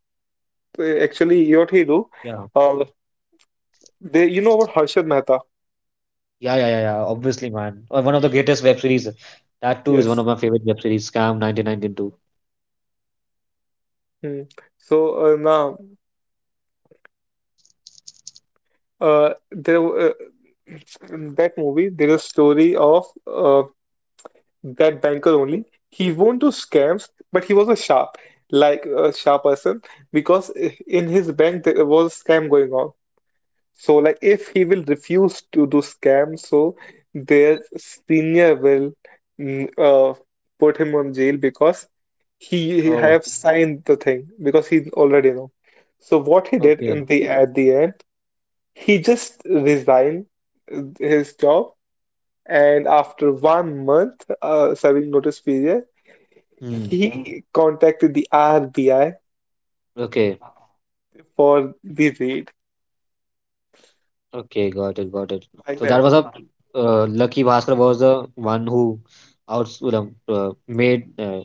Speaker 1: actually, you know what he do?
Speaker 2: Yeah,
Speaker 1: Uh, they, you know about Harshad Mehta?
Speaker 2: yeah. Yeah. Obviously, man. One of the greatest web series. That too is one
Speaker 1: Yes.
Speaker 2: of my favorite web series. Scam 1992.
Speaker 1: Hmm. So now there. It's in that movie, there is a story of uh, that banker only. He won't do scams, but he was a sharp, like a sharp person, because in his bank there was a scam going on. So, like, if he will refuse to do scam, so their senior will mm, uh, put him on jail because he
Speaker 2: Oh,
Speaker 1: have signed the thing because he already know. So, what he did
Speaker 2: okay.
Speaker 1: in the at the end, he just resigned uh, his job and after 1 month serving notice period,
Speaker 2: Hmm.
Speaker 1: he contacted the RBI
Speaker 2: Okay.
Speaker 1: for the raid
Speaker 2: Okay. Got it. Got it.
Speaker 1: like
Speaker 2: So that
Speaker 1: that.
Speaker 2: was a Lucky Bhaskar was the one who out made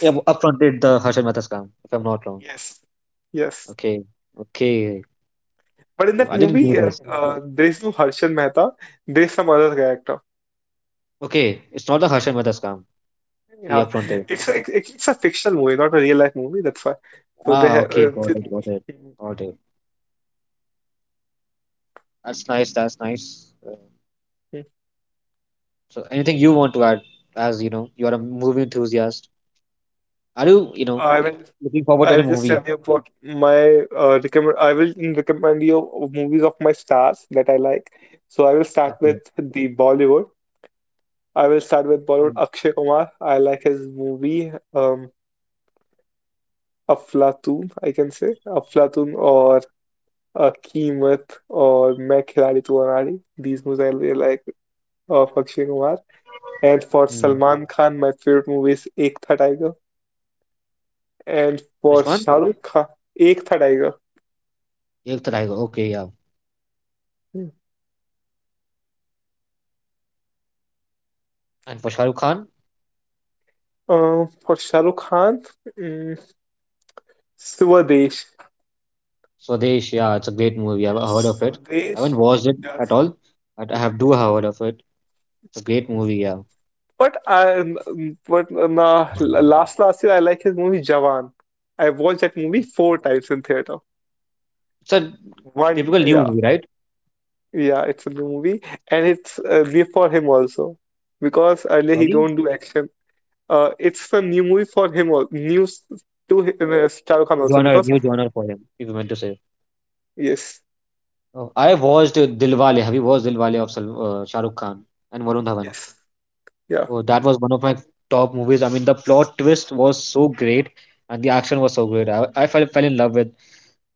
Speaker 2: Yeah, well, upfront did the Harshad Mehta's scam, if I'm not wrong.
Speaker 1: yes, yes.
Speaker 2: Okay, okay.
Speaker 1: But in that
Speaker 2: I didn't know
Speaker 1: movie,
Speaker 2: this.
Speaker 1: there is no Harshan Mehta. There is some other character.
Speaker 2: Okay, it's not the Harshad Mehta scam. He
Speaker 1: Yeah,
Speaker 2: upfronted.
Speaker 1: it's a fictional movie, not a real life movie. That's why. So they
Speaker 2: Ah,
Speaker 1: have.
Speaker 2: okay, got it, got it, got it. That's nice, that's nice. So, anything you want to add, as you know, you are a movie enthusiast. Are you, you know,
Speaker 1: I will
Speaker 2: looking forward to
Speaker 1: I
Speaker 2: any
Speaker 1: will just
Speaker 2: movie?
Speaker 1: tell you a My recommend. I will recommend you movies of my stars that I like. So I will start
Speaker 2: Okay.
Speaker 1: with the Bollywood. I will start with Bollywood. Akshay Kumar. I like his movie, Aflatoon. I can say Aflatoon or Keemat or Main Khiladi Tu Anadi. These movies I really like of Akshay Kumar. And for
Speaker 2: Mm-hmm.
Speaker 1: Salman Khan, my favorite movie is Ek Tha Tiger. And
Speaker 2: Which
Speaker 1: for
Speaker 2: one?
Speaker 1: Shah Rukh Khan, Ek Tha Tiger.
Speaker 2: Ek Taraigo. Okay, yeah. And for Shah Rukh Khan,
Speaker 1: For Shah Rukh Khan, mm, Swadesh.
Speaker 2: Swadesh. Yeah, it's a great movie. I've
Speaker 1: Yes,
Speaker 2: heard of it. I
Speaker 1: Swadesh.
Speaker 2: haven't watched it at
Speaker 1: Yes.
Speaker 2: all, but I have do have heard of it. It's a great movie. Yeah.
Speaker 1: But I, but Last year I like his movie Jawan. I watched that movie four times in theater.
Speaker 2: It's a typical new
Speaker 1: Yeah,
Speaker 2: movie, right?
Speaker 1: yeah, it's a new movie, and it's new for him also because earlier he
Speaker 2: Sorry,
Speaker 1: don't do action. It's a new movie for him, al- new s- to hi- Shah Rukh Khan also
Speaker 2: genre,
Speaker 1: because
Speaker 2: new genre for him, if you meant to say.
Speaker 1: yes,
Speaker 2: Oh, I watched Dilwale. Have you watched Dilwale of Shah Rukh Khan and Varun Dhawan?
Speaker 1: yes, yeah,
Speaker 2: Oh, that was one of my top movies. I mean, the plot twist was so great and the action was so great. I fell in love with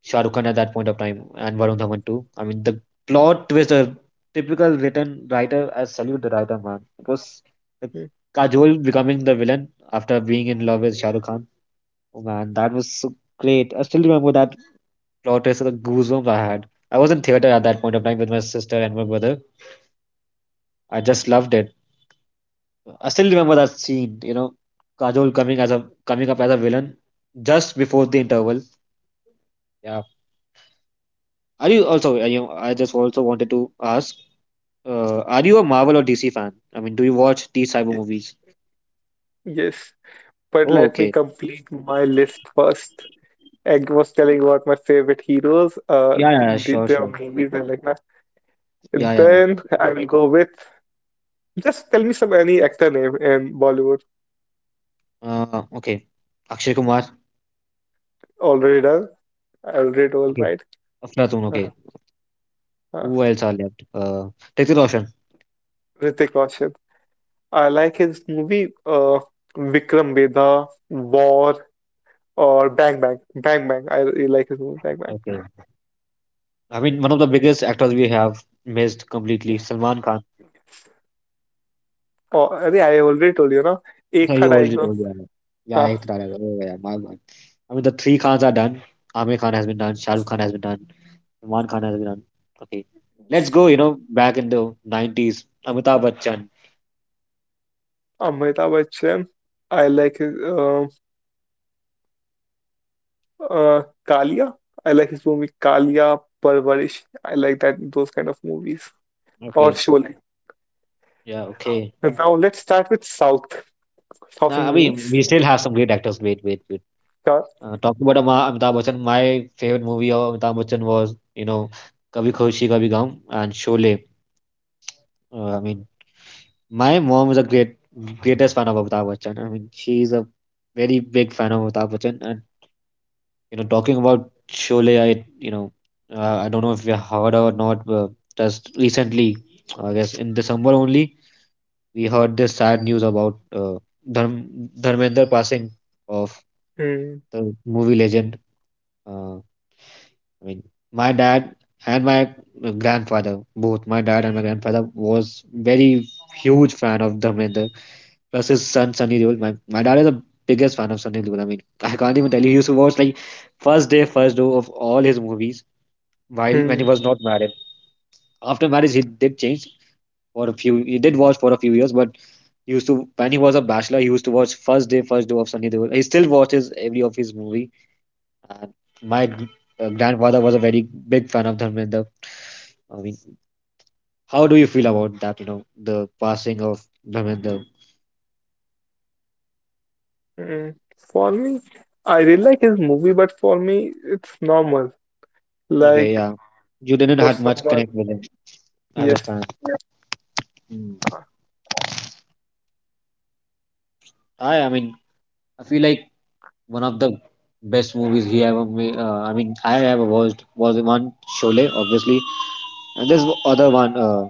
Speaker 2: Shah Rukh Khan at that point of time and Varun Dhawan too. I mean, the plot twist, a typical written writer, I salute the writer, man. It was the
Speaker 1: mm,
Speaker 2: Kajol becoming the villain after being in love with Shah Rukh Khan. Oh man, that was so great. I still remember that plot twist and the goosebumps I had. I was in theater at that point of time with my sister and my brother. I just loved it. I still remember that scene, you know, Kajol coming as a coming up as a villain just before the interval. Yeah. Are you also? Are you, I just also wanted to ask. Are you a Marvel or DC fan? I mean, do you watch these cyber movies?
Speaker 1: yes. But
Speaker 2: Oh,
Speaker 1: let me
Speaker 2: okay.
Speaker 1: complete my list first. I was telling about my favorite heroes,
Speaker 2: Yeah, yeah, yeah, sure,
Speaker 1: their
Speaker 2: sure.
Speaker 1: movies and like that.
Speaker 2: Yeah, yeah,
Speaker 1: Then I will go with just tell any actor name in Bollywood.
Speaker 2: yeah. Okay. Akshay Kumar.
Speaker 1: Already done. I already all
Speaker 2: Okay.
Speaker 1: right.
Speaker 2: Aflatoon.
Speaker 1: Uh,
Speaker 2: Okay.
Speaker 1: uh,
Speaker 2: Who else are left? Hrithik Roshan.
Speaker 1: Hrithik Roshan. I like his movie, Vikram Vedha, War or Bang Bang. Bang Bang. I really like his movie Bang Bang.
Speaker 2: Okay. I mean, one of the biggest actors we have missed completely, Salman Khan.
Speaker 1: Oh, अरे I already told you ना.
Speaker 2: So
Speaker 1: एक था
Speaker 2: you already told me, yeah. Yeah,
Speaker 1: डायग्नो.
Speaker 2: ek Tarah Hai. Wafa. Oh, yeah, my bad. I mean, the three Khans are done. Aamir Khan has been done. Shah Rukh Khan has been done. Salman Khan has been done. Okay. Let's go, you know, back in the 90s. Amitabh Bachchan.
Speaker 1: Amitabh Bachchan, I like his uh, Kalia. I like his movie Kalia, Parvarish. I like that those kind of movies or
Speaker 2: Okay.
Speaker 1: Sholay.
Speaker 2: Yeah, okay.
Speaker 1: Now let's start with South
Speaker 2: Now, I
Speaker 1: Indian
Speaker 2: mean,
Speaker 1: movies.
Speaker 2: we still have some great actors. Wait, wait, wait.
Speaker 1: Sure.
Speaker 2: Talking about Amitabh Bachchan, my favorite movie of Amitabh Bachchan was, you know, Kabhi Khushi Kabhi Gum and Sholay. I mean, My mom is a great greatest fan of Amitabh Bachchan. I mean, she is a very big fan of Amitabh Bachchan. And you know, talking about Sholay, I don't know if you heard or not. But just recently, I guess in December only, we heard this sad news about Dharmender passing of
Speaker 1: Mm,
Speaker 2: the movie legend. Uh, I mean, my dad and my grandfather, both my dad and my grandfather, was very huge fan of Dharmender. Plus his son Sunny Deol. My dad is the biggest fan of Sunny Deol. I mean, I can't even tell you. He used to watch like first day, first show of all his movies while when he
Speaker 1: mm,
Speaker 2: was not married. After marriage, he did change for a few. He did watch for a few years, but he used to when he was a bachelor, he used to watch first day, first show of Sunny Deol. He still watches every of his movie. And my grandfather was a very big fan of Dharmendra. I mean, how do you feel about that? You know, the passing of Dharmendra.
Speaker 1: mm. For me, I really like his movie, but for me, it's normal.
Speaker 2: Okay,
Speaker 1: Like
Speaker 2: yeah, you didn't
Speaker 1: for
Speaker 2: have much
Speaker 1: someone,
Speaker 2: connect with him as a
Speaker 1: yes.
Speaker 2: fan. Hmm.
Speaker 1: uh,
Speaker 2: I mean, I feel like one of the best movies he ever made. I mean, I ever watched was the one Sholay, obviously, and there's other one. Uh,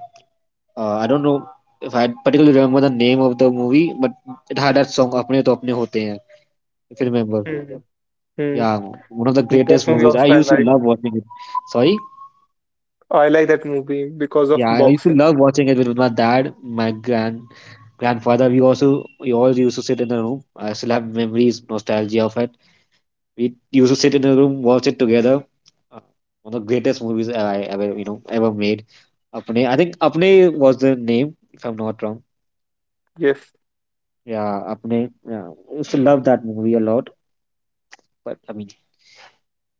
Speaker 2: uh, I don't know if I particularly remember the name of the movie, but it had that song "Apne To Apne Hote Hain." If you remember,
Speaker 1: Mm, mm.
Speaker 2: yeah, one of the greatest
Speaker 1: That movie
Speaker 2: movies. I
Speaker 1: also I
Speaker 2: used to
Speaker 1: like.
Speaker 2: love watching it. Sorry,
Speaker 1: I like that movie because of
Speaker 2: yeah, I used to
Speaker 1: boxing.
Speaker 2: love watching it with my dad, my grandfather. We all used to sit in the room. I still have memories, nostalgia of it. We used to sit in a room, watch it together. Uh, one of the greatest movies I ever, you know, ever made. Apne, I think Apne was the name, if I'm not wrong.
Speaker 1: Yes.
Speaker 2: Yeah, Apne. Yeah, I used to love that movie a lot. But I mean,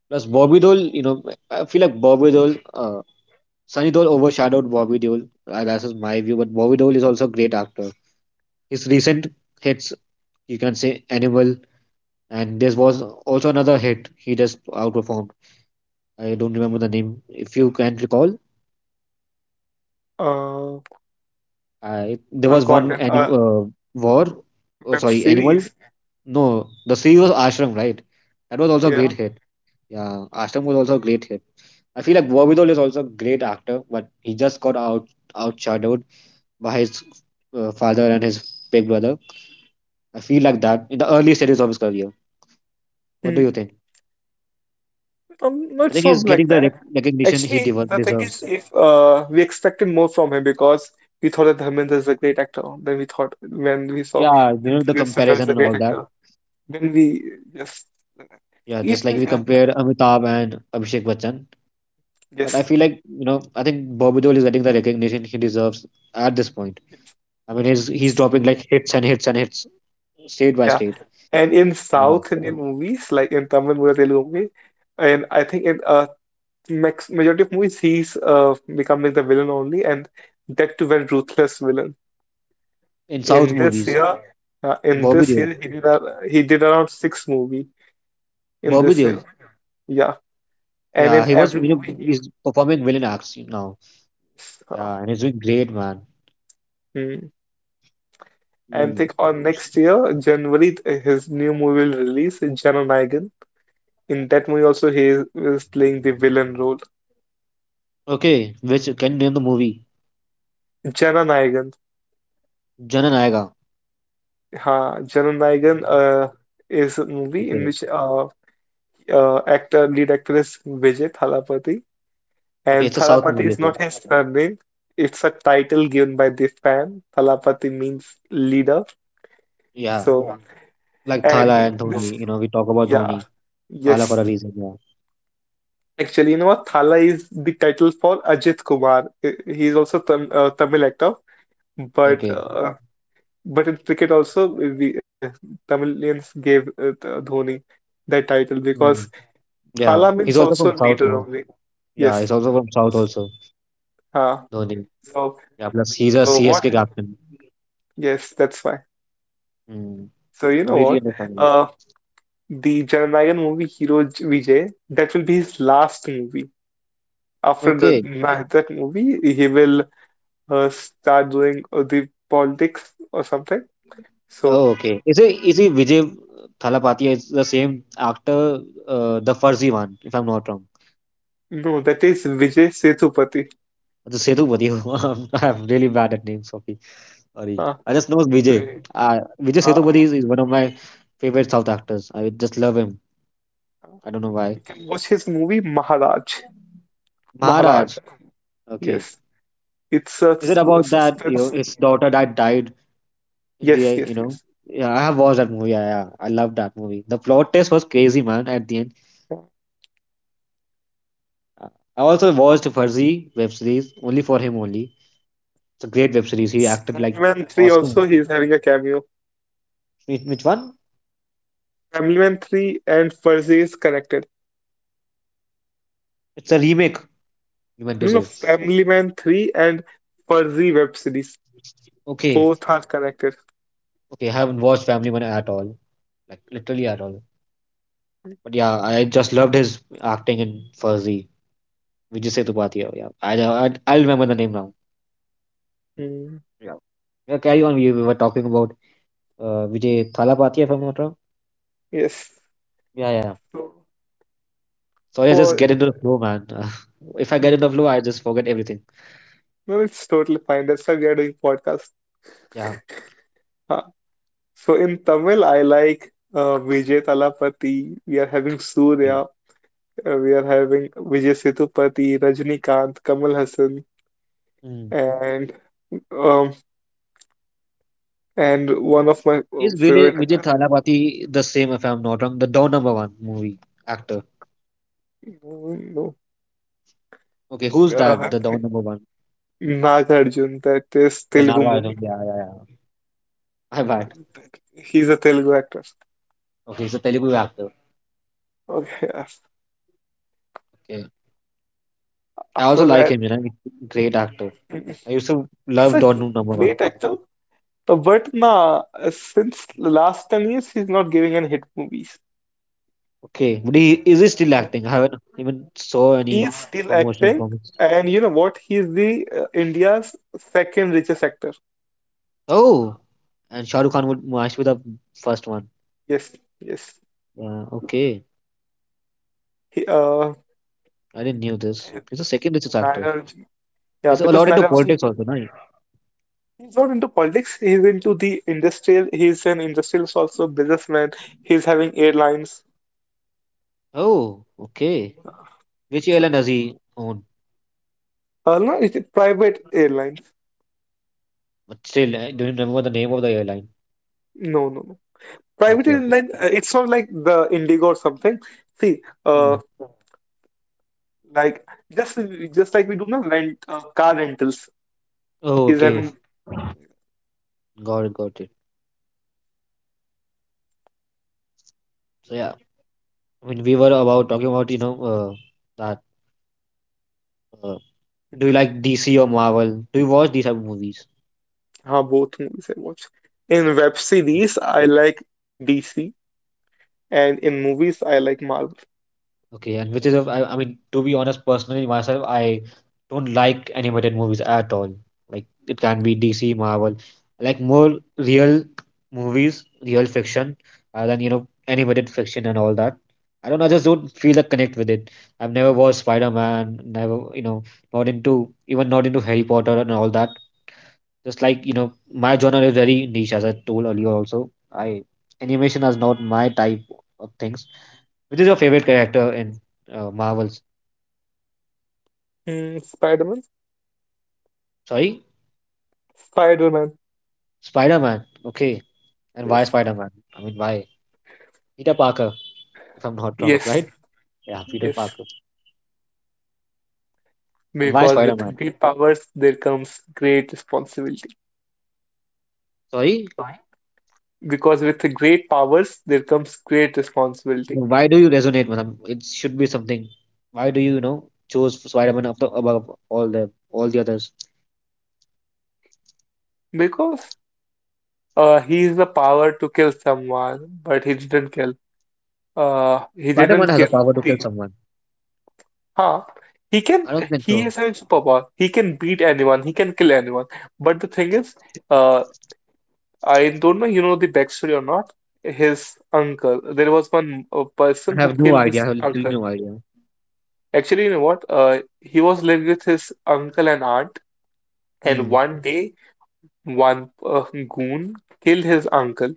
Speaker 2: plus Bobby Deol, you know, I feel like Sunny Deol overshadowed Bobby Deol. That's just my view. But Bobby Deol is also a great actor. His recent hits, you can say Animal, and there was also another hit. He just outperformed. I don't remember the name. If you can recall,
Speaker 1: Uh,
Speaker 2: I there
Speaker 1: I
Speaker 2: was
Speaker 1: got
Speaker 2: one
Speaker 1: it.
Speaker 2: anim war,
Speaker 1: Web
Speaker 2: oh, sorry,
Speaker 1: series.
Speaker 2: animal. No, the series was Ashram, right? That was also a
Speaker 1: Yeah.
Speaker 2: great hit. Yeah, Ashram was also a great hit. I feel like Warvidol is also a great actor, but he just got outshadowed by his father and his big brother. I feel like that in the early stages of his career. What do you
Speaker 1: Mm,
Speaker 2: think?
Speaker 1: no,
Speaker 2: I
Speaker 1: it's
Speaker 2: think he's
Speaker 1: not
Speaker 2: getting
Speaker 1: like
Speaker 2: the
Speaker 1: that.
Speaker 2: recognition he
Speaker 1: Actually,
Speaker 2: dev
Speaker 1: the thing is,
Speaker 2: deserves.
Speaker 1: if we expected more from him because we thought that Dharmendra is a great actor. Then we thought when we saw
Speaker 2: Yeah, you
Speaker 1: that
Speaker 2: know the
Speaker 1: Sundar
Speaker 2: comparison
Speaker 1: is a
Speaker 2: and
Speaker 1: great
Speaker 2: all that.
Speaker 1: actor. Then we just
Speaker 2: Yeah,
Speaker 1: if
Speaker 2: just like
Speaker 1: we,
Speaker 2: we compare Amitabh and Abhishek Bachchan. But
Speaker 1: yes,
Speaker 2: I feel like you know, I think Bobadil is getting the recognition he deserves at this point.
Speaker 1: yes,
Speaker 2: I mean, he's
Speaker 1: yes,
Speaker 2: dropping like hits and hits and hits, state by
Speaker 1: yeah.
Speaker 2: state.
Speaker 1: And in
Speaker 2: Yeah.
Speaker 1: South Indian movies, like in Tamil movie, Telugu movie, and I think in max majority of movies, he's becoming the villain only, and that too very ruthless villain.
Speaker 2: In South
Speaker 1: In this
Speaker 2: movies,
Speaker 1: year, in
Speaker 2: Bobby
Speaker 1: this
Speaker 2: Deol,
Speaker 1: year he did he did around six movie in
Speaker 2: Bobby
Speaker 1: this
Speaker 2: Deol.
Speaker 1: year. Yeah, and
Speaker 2: Yeah,
Speaker 1: in
Speaker 2: he was
Speaker 1: every
Speaker 2: you know
Speaker 1: movie he
Speaker 2: he's performing villain acts now.
Speaker 1: was, uh,
Speaker 2: Yeah, and he's doing great, man.
Speaker 1: hmm. And
Speaker 2: Mm.
Speaker 1: think on next year January his new movie will release Jenna Nigan. In that movie also is playing the villain role.
Speaker 2: Okay, which can you name the movie?
Speaker 1: Jenna Nigan.
Speaker 2: Janan Aayega.
Speaker 1: Ha, Jenna Nigan is a movie in
Speaker 2: Okay.
Speaker 1: which actor lead actress Vijay Thalapathy.
Speaker 2: Okay,
Speaker 1: And
Speaker 2: it's a South
Speaker 1: Thalapati
Speaker 2: movie.
Speaker 1: is
Speaker 2: Okay.
Speaker 1: not his surname. It's a title given by this man. Thalapati means leader.
Speaker 2: Yeah,
Speaker 1: So,
Speaker 2: like Thala
Speaker 1: and
Speaker 2: and
Speaker 1: this,
Speaker 2: Dhoni. You know, we talk about
Speaker 1: yeah,
Speaker 2: Dhoni, Thala for
Speaker 1: yes.
Speaker 2: a reason. Yeah.
Speaker 1: Actually, you know what? Thala is the title for Ajit Kumar. He's also Tamil actor, but
Speaker 2: Okay.
Speaker 1: uh, but in cricket also we Tamilians gave Dhoni that title
Speaker 2: Mm.
Speaker 1: because
Speaker 2: Yeah,
Speaker 1: Thala
Speaker 2: he's
Speaker 1: means
Speaker 2: also
Speaker 1: also
Speaker 2: from South,
Speaker 1: leader
Speaker 2: no?
Speaker 1: only.
Speaker 2: Yeah,
Speaker 1: Yes.
Speaker 2: he's also from South
Speaker 1: So,
Speaker 2: also.
Speaker 1: uh,
Speaker 2: Dhoni.
Speaker 1: so
Speaker 2: Yeah, plus he's a C S
Speaker 1: what?
Speaker 2: K captain.
Speaker 1: Yes, that's why.
Speaker 2: Hmm.
Speaker 1: So you know
Speaker 2: Completely
Speaker 1: what? [laughs]
Speaker 2: understandable.
Speaker 1: Uh, the Jananayagan movie hero Vijay, that will be his last movie. After
Speaker 2: Okay.
Speaker 1: that movie, he will start doing the politics or something.
Speaker 2: Oh,
Speaker 1: So
Speaker 2: okay. Is it Vijay Thalapathy is the same actor, the Farzi one, if I'm not wrong.
Speaker 1: no, that is Vijay Sethupathi.
Speaker 2: The Sethupathi. [laughs] I'm really bad at names. Sorry. Sorry.
Speaker 1: Uh,
Speaker 2: I just know Vijay. Vijay
Speaker 1: uh,
Speaker 2: Sethupathi is one of my favorite South actors. I just love him. I don't know why.
Speaker 1: you can watch his movie Maharaj. Maharaj.
Speaker 2: Maharaj. Okay.
Speaker 1: Yes, it's
Speaker 2: Is it
Speaker 1: a
Speaker 2: about that, you know,
Speaker 1: suspense.
Speaker 2: his daughter that died?
Speaker 1: Yes,
Speaker 2: The you
Speaker 1: yes,
Speaker 2: know,
Speaker 1: yes.
Speaker 2: yeah, I have watched that movie. Yeah, yeah, I love that movie. The plot twist was crazy, man. At the end, Uh, I also watched Farzi web series only for him only. It's a great web series. He acted like
Speaker 1: Family Man 3 also,
Speaker 2: awesome.
Speaker 1: he's having a cameo.
Speaker 2: Which one?
Speaker 1: Family Man 3 and Fuzzy is connected.
Speaker 2: It's a remake. You meant to
Speaker 1: No, no,
Speaker 2: say.
Speaker 1: Family Man 3 and Fuzzy web series.
Speaker 2: Okay,
Speaker 1: Both are connected.
Speaker 2: okay. I haven't watched Family Man at all, like literally at all. But yeah, I just loved his acting in Farzi. Vijay Sethupathi. Oh, yeah, I'll remember the name now.
Speaker 1: Mm,
Speaker 2: Yeah. Yeah, carry on. We were talking about Vijay Thalapathy, if I'm not wrong.
Speaker 1: yes.
Speaker 2: Yeah, yeah, yeah.
Speaker 1: So
Speaker 2: So yeah, just get
Speaker 1: for
Speaker 2: into the flow, man. [laughs] If I get
Speaker 1: mm,
Speaker 2: into the flow, I just forget everything.
Speaker 1: no, it's totally fine. That's why we are doing podcast.
Speaker 2: Yeah.
Speaker 1: Huh. So in Tamil, I like Vijay Talapati. We are having
Speaker 2: Okay.
Speaker 1: Surya. We are having Vijay Sethupathi, Rajinikanth, Kamal Hassan,
Speaker 2: Mm.
Speaker 1: and um and one of my
Speaker 2: Is
Speaker 1: favorite
Speaker 2: Vijay
Speaker 1: actor,
Speaker 2: Thalapathy the same, if I'm not wrong, the Don number one movie actor?
Speaker 1: no,
Speaker 2: Okay, who's
Speaker 1: no,
Speaker 2: that? The Don number one.
Speaker 1: Nagarjun. That is
Speaker 2: The
Speaker 1: Telugu
Speaker 2: Naga, I don't,
Speaker 1: movie.
Speaker 2: yeah, yeah, yeah. [laughs] My bad.
Speaker 1: He's a Telugu actor.
Speaker 2: Okay, he's a Telugu actor.
Speaker 1: Okay, yes.
Speaker 2: Okay. I also
Speaker 1: After
Speaker 2: like
Speaker 1: that,
Speaker 2: him, you know, he's a great actor. I used to
Speaker 1: [clears throat] he's
Speaker 2: love
Speaker 1: a
Speaker 2: Don number one.
Speaker 1: great actor, but nah, since the last 10 years, he's not giving any hit movies.
Speaker 2: Okay, but he still acting? I haven't even saw any
Speaker 1: He's still
Speaker 2: promotion
Speaker 1: acting,
Speaker 2: from him.
Speaker 1: and you know what? He's the India's second richest actor.
Speaker 2: Oh, and Shah Rukh Khan would match with the first one.
Speaker 1: Yes, yes.
Speaker 2: Yeah, okay.
Speaker 1: He, uh,
Speaker 2: I didn't knew this. He's the second richest actor.
Speaker 1: Nagarjuna, yeah,
Speaker 2: He's
Speaker 1: because
Speaker 2: allowed into politics
Speaker 1: Nagarjuna,
Speaker 2: also, right?
Speaker 1: he's not into politics. He's into the industrial. He's an industrialist, also businessman. He's having airlines.
Speaker 2: Oh, okay.
Speaker 1: Uh,
Speaker 2: Which
Speaker 1: So,
Speaker 2: airline does he own?
Speaker 1: No, it's a private airline.
Speaker 2: But still, I don't remember the name of the airline.
Speaker 1: No, no, no. Private
Speaker 2: Okay, okay.
Speaker 1: airline, it's not like the Indigo or something. See,
Speaker 2: Hmm.
Speaker 1: like just just like we do not rent car rentals
Speaker 2: Oh,
Speaker 1: is
Speaker 2: okay.
Speaker 1: having
Speaker 2: Got it, got it. So yeah, I mean, we were about talking about you know that. Uh, do you like DC or Marvel? Do you watch these type of movies?
Speaker 1: both movies I watch. In web series, I like DC, and in movies, I like Marvel.
Speaker 2: Okay, and which is, a, I mean, to be honest, personally myself, I don't like animated movies at all. Like it can be DC, Marvel, I like more real movies, real fiction, rather than you know animated fiction and all that. I don't know, I just don't feel the connect with it. I've never watched Spider-Man, never, you know, not into Harry Potter and all that. Just like you know, my genre is very niche, as I told earlier. Also, I animation is not my type of things. Which is your favorite character in Marvel's?
Speaker 1: Mm, Spider-Man,
Speaker 2: Sorry,
Speaker 1: Spider-Man.
Speaker 2: Spider Man. Okay, and why
Speaker 1: Yes,
Speaker 2: Spider Man? I mean, why Peter Parker? If I'm not wrong,
Speaker 1: yes,
Speaker 2: right? Yeah, Peter
Speaker 1: yes.
Speaker 2: Parker. And why
Speaker 1: Because
Speaker 2: Spider Man?
Speaker 1: with great powers, there comes great responsibility.
Speaker 2: Sorry,
Speaker 1: Because with great powers, there comes great responsibility.
Speaker 2: why do you resonate with him? It should be something. Why do you, you know choose Spider Man above all the others?
Speaker 1: Because he's the power to kill someone, but he didn't kill. He
Speaker 2: Spider Man
Speaker 1: didn't
Speaker 2: has the
Speaker 1: kill
Speaker 2: power to kill
Speaker 1: the.
Speaker 2: someone.
Speaker 1: Huh? He can.
Speaker 2: I don't think
Speaker 1: He
Speaker 2: so.
Speaker 1: has a superpower. He can beat anyone. He can kill anyone. But the thing is, uh, I don't know. You know the backstory or not? His uncle. There was one person
Speaker 2: I
Speaker 1: who
Speaker 2: have no
Speaker 1: killed
Speaker 2: idea.
Speaker 1: his
Speaker 2: I have literally
Speaker 1: uncle.
Speaker 2: no idea.
Speaker 1: Actually, you know what? He was living with his uncle and aunt, and
Speaker 2: Hmm.
Speaker 1: one day, one goon killed his uncle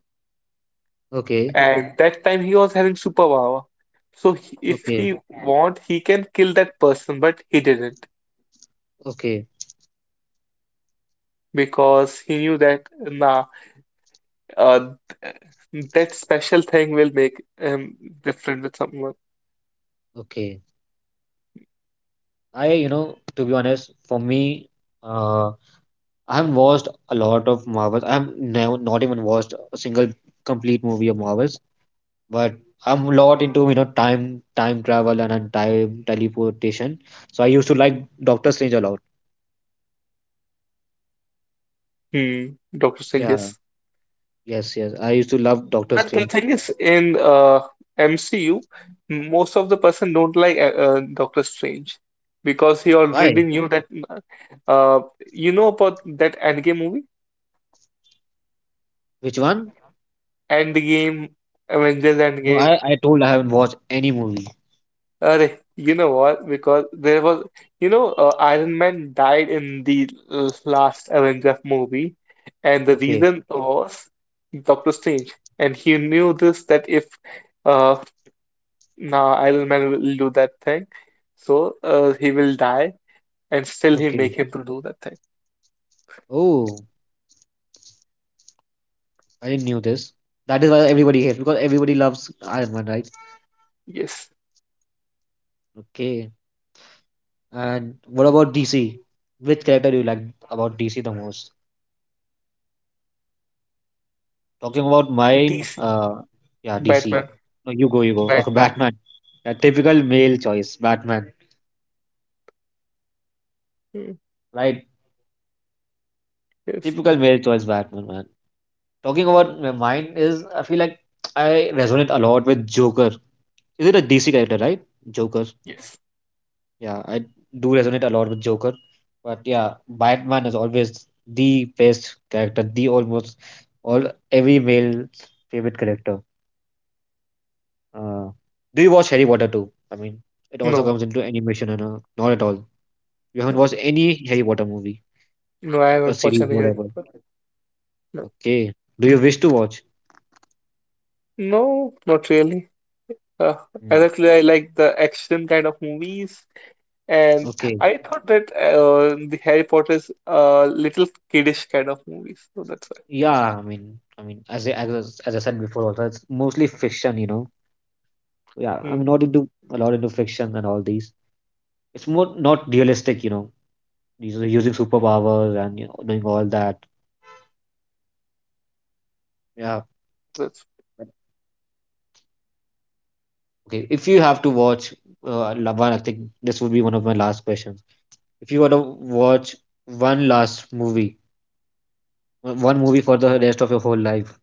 Speaker 2: Okay.
Speaker 1: and that time he was having superpower. So if
Speaker 2: Okay.
Speaker 1: he want, he can kill that person, but he didn't
Speaker 2: Okay.
Speaker 1: because he knew that nah, uh, that special thing will make him different with someone.
Speaker 2: Okay. I, you know, to be honest, for me, uh, I have not watched a lot of Marvels. I have never, not even watched a single complete movie of Marvels, but I'm a lot into you know time travel and time teleportation. So I used to like Doctor Strange a lot.
Speaker 1: Hmm, Doctor Strange,
Speaker 2: Yeah,
Speaker 1: yes.
Speaker 2: yes, yes. I used to love Doctor
Speaker 1: But the
Speaker 2: Strange.
Speaker 1: thing is, in MCU, most of the person don't like Doctor Strange because he
Speaker 2: Why?
Speaker 1: already knew that. Uh, you know about that Endgame movie?
Speaker 2: Which one?
Speaker 1: Endgame, Avengers
Speaker 2: No,
Speaker 1: Endgame.
Speaker 2: I told I haven't watched any movie.
Speaker 1: Arey, you know what? Because there was, you know, Iron Man died in the last Avengers movie, and the
Speaker 2: Okay,
Speaker 1: reason was Doctor Strange, and he knew this that if uh now Iron Man will do that thing, so he will die, and still he
Speaker 2: okay.
Speaker 1: make him to do that thing.
Speaker 2: Oh, I didn't knew this. That is why everybody hates because everybody loves Iron Man, right?
Speaker 1: Yes,
Speaker 2: Okay. And what about DC? Which character do you like about DC the most? Talking about mine,
Speaker 1: DC,
Speaker 2: yeah, DC.
Speaker 1: Batman,
Speaker 2: No, you go, you go. Okay,
Speaker 1: Batman.
Speaker 2: Batman. Yeah, typical male choice, Batman.
Speaker 1: Mm,
Speaker 2: Right?
Speaker 1: yes,
Speaker 2: Typical male choice, Batman, man. Talking about mine is, I feel like I resonate a lot with Joker. Is it a DC character, right? Joker.
Speaker 1: yes.
Speaker 2: Yeah, I do resonate a lot with Joker. But yeah, Batman is always the best character, the almost all every male's favorite character. Uh, do you watch Harry Potter too? I mean, it also
Speaker 1: No,
Speaker 2: comes into animation and not at all. You haven't
Speaker 1: no,
Speaker 2: watched any Harry Potter movie
Speaker 1: no. I
Speaker 2: or
Speaker 1: haven't watched
Speaker 2: series,
Speaker 1: any. Harry
Speaker 2: whatever.
Speaker 1: Potter. No,
Speaker 2: Okay. Do you wish to watch?
Speaker 1: no, not really. Uh,
Speaker 2: Hmm.
Speaker 1: exactly, I like the action kind of movies, and
Speaker 2: Okay.
Speaker 1: I thought that the Harry Potter's little kiddish kind of movies. So that's
Speaker 2: Yeah. I mean, as I, as I- as I said before, also it's mostly fiction, you know. Yeah.
Speaker 1: why.
Speaker 2: I'm
Speaker 1: Mm,
Speaker 2: not into a lot into fiction and all these. It's more not realistic. You know, these are using superpowers and you know doing all that. Yeah.
Speaker 1: that's
Speaker 2: But, okay. If you have to watch one, I think this would be one of my last questions. If you were to watch one last movie, one movie for the rest of your whole life,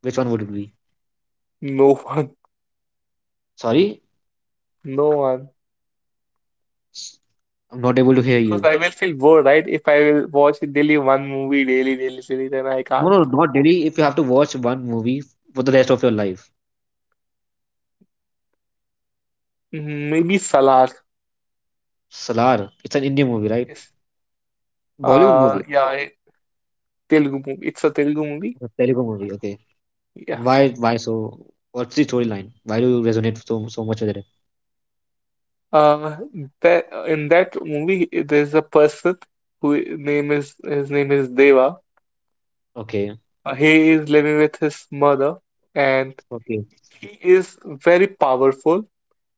Speaker 2: which one would it be?
Speaker 1: [laughs] no one,
Speaker 2: Sorry,
Speaker 1: no one.
Speaker 2: I'm not able to hear
Speaker 1: Because
Speaker 2: you.
Speaker 1: I will feel bored, right? If I will watch daily one movie daily, daily, daily, then I
Speaker 2: No,
Speaker 1: can't.
Speaker 2: no, not Delhi. If you have to watch one movie for the rest of your life,
Speaker 1: Mm, maybe Salaar.
Speaker 2: Salar. It's an Indian movie, right?
Speaker 1: Yes.
Speaker 2: Bollywood
Speaker 1: Uh,
Speaker 2: movie,
Speaker 1: yeah, I- Telugu movie. It's a Telugu movie.
Speaker 2: a Telugu movie. Okay. And
Speaker 1: Yeah.
Speaker 2: why? Why so? What's the storyline? Why do you resonate so much with it?
Speaker 1: Uh, that in that movie, there's a person who name is his name is Deva.
Speaker 2: Okay.
Speaker 1: He is living with his mother, and
Speaker 2: Okay.
Speaker 1: he is very powerful